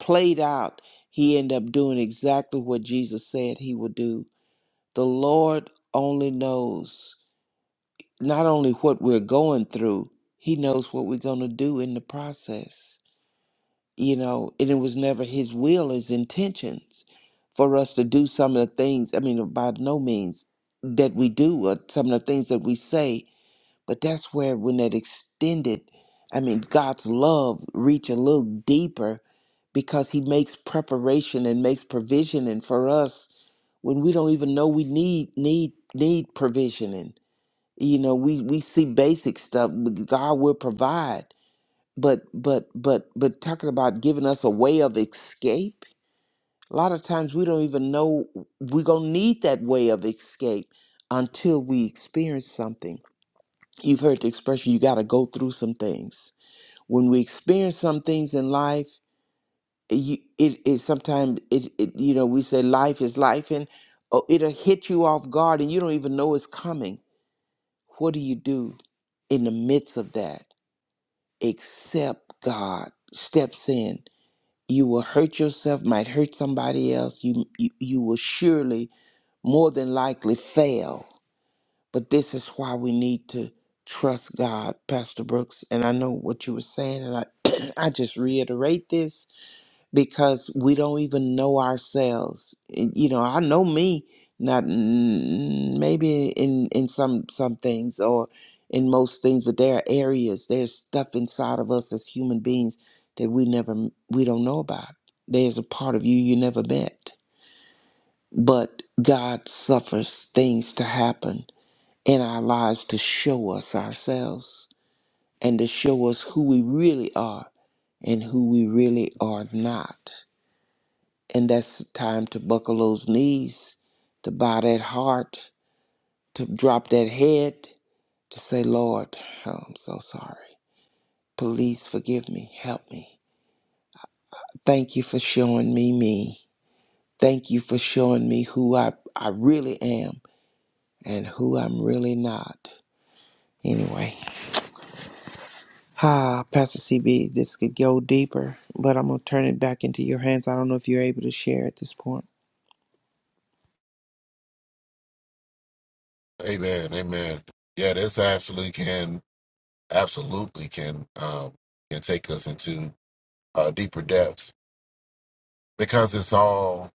Speaker 5: played out he ended up doing exactly what Jesus said he would do. The Lord only knows not only what we're going through, he knows what we're going to do in the process. You know, and it was never his will, his intentions for us to do some of the things, I mean, by no means that we do, or some of the things that we say but that's where when that extended, I mean, God's love reach a little deeper because he makes preparation and makes provision and for us when we don't even know we need need need provisioning. You know, we we see basic stuff, but God will provide. But but but but talking about giving us a way of escape, a lot of times we don't even know we're gonna need that way of escape until we experience something. You've heard the expression, you got to go through some things. When we experience some things in life, it- you, it, it sometimes, it, it, you know, we say life is life and oh, it'll hit you off guard and you don't even know it's coming. What do you do in the midst of that? Except God steps in. You will hurt yourself, might hurt somebody else. You, you, you will surely, more than likely, fail But this is why we need to trust God, Pastor Brooks. And I know what you were saying, and I, I just reiterate this because we don't even know ourselves. And, You know, I know me, not mm, maybe in in some some things or in most things, but there are areas, there's stuff inside of us as human beings that we never we don't know about. There's a part of you you never met, but God suffers things to happen in our lives to show us ourselves and to show us who we really are and who we really are not. And that's the time to buckle those knees, to bow that heart, to drop that head, to say, Lord, oh, I'm so sorry. Please forgive me. Help me. Thank you for showing me me. Thank you for showing me who I, I really am and who I'm really not. Anyway. Ah, Pastor CB, this could go deeper, but I'm going to turn it back into your hands. I don't know if you're able to share at this point.
Speaker 4: Amen, amen. Yeah, this absolutely can, absolutely can, um, can take us into uh, deeper depths because it's all,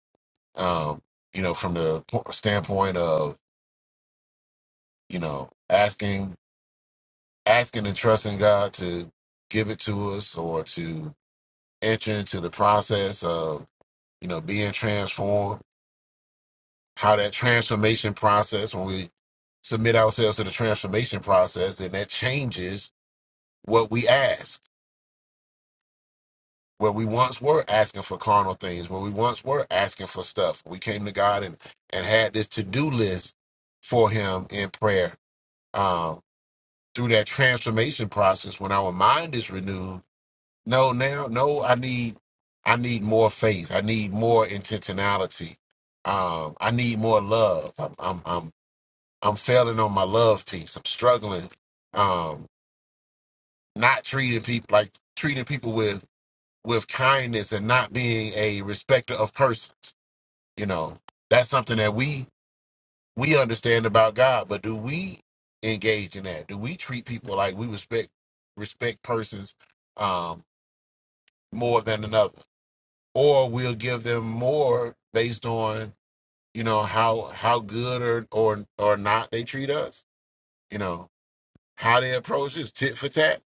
Speaker 4: um, you know, from the po- standpoint of you know asking, asking and trusting God to give it to us or to enter into the process of you know being transformed how that transformation process, when we submit ourselves to the transformation process, and that changes what we ask. Where we once were asking for carnal things, where we once were asking for stuff. We came to God and, and had this to do list for Him in prayer. Um, through that transformation process, when our mind is renewed, no, now, no, I need, I need more faith. I need more intentionality. Um, I need more love. I'm, I'm. I'm I'm failing on my love piece. I'm struggling. Um, not treating people like treating people with with kindness and not being a respecter of persons. You know, that's something that we we understand about God, but do we engage in that? Do we treat people like we respect respect persons um, more than another, or we'll give them more based on you know how how good or or or not they treat us? You know how they approach us, tit for tat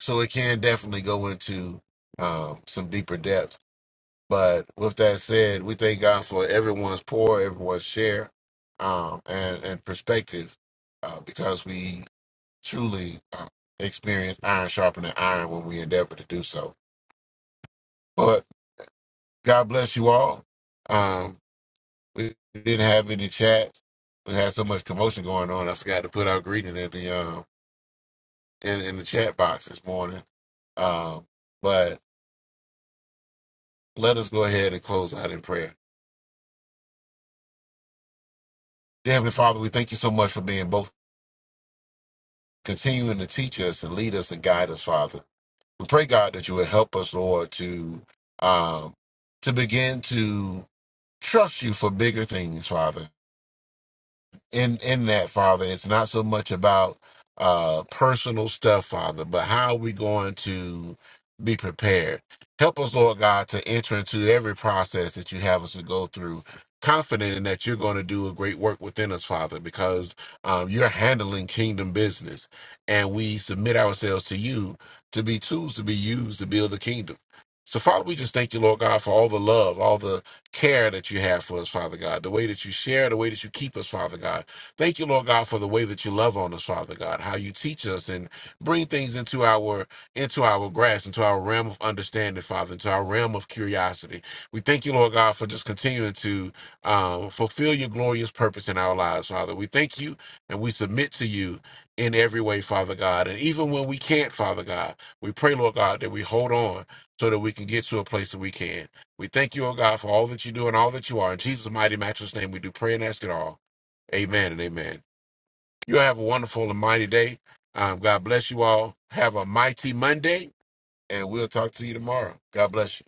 Speaker 4: So it can definitely go into um, some deeper depths. But with that said, we thank God for everyone's pour, everyone's share, um, and and perspective, uh, because we truly uh, experience iron sharpening iron when we endeavor to do so. But God bless you all. Um, we didn't have any chats. We had so much commotion going on. I forgot to put our greeting in the um in, in the chat box this morning. Um, but Let us go ahead and close out in prayer. Dear Heavenly Father, we thank you so much for being both continuing to teach us and lead us and guide us, Father. We pray, God, that you will help us, Lord, to um, to begin to trust you for bigger things, Father. in in that father it's not so much about uh personal stuff father but how are we going to be prepared help us lord god to enter into every process that you have us to go through confident in that you're going to do a great work within us father because um, you're handling kingdom business and we submit ourselves to you to be tools to be used to build the kingdom so father we just thank you lord god for all the love all the care that you have for us, Father God, the way that you share, the way that you keep us, Father God, Thank you, Lord God, for the way that you love on us, Father God, how you teach us and bring things into our into our grasp, into our realm of understanding, Father, into our realm of curiosity. We thank you, Lord God, for just continuing to um, fulfill your glorious purpose in our lives, Father. We thank you and we submit to you in every way, Father God. And even when we can't, Father God, we pray, Lord God, that we hold on so that we can get to a place that we can. We thank you, oh God, for all that you do and all that you are. In Jesus' mighty matchless name, we do pray and ask it all. Amen and amen. You have a wonderful and mighty day. Um, God bless you all. Have a mighty Monday, and we'll talk to you tomorrow. God bless you.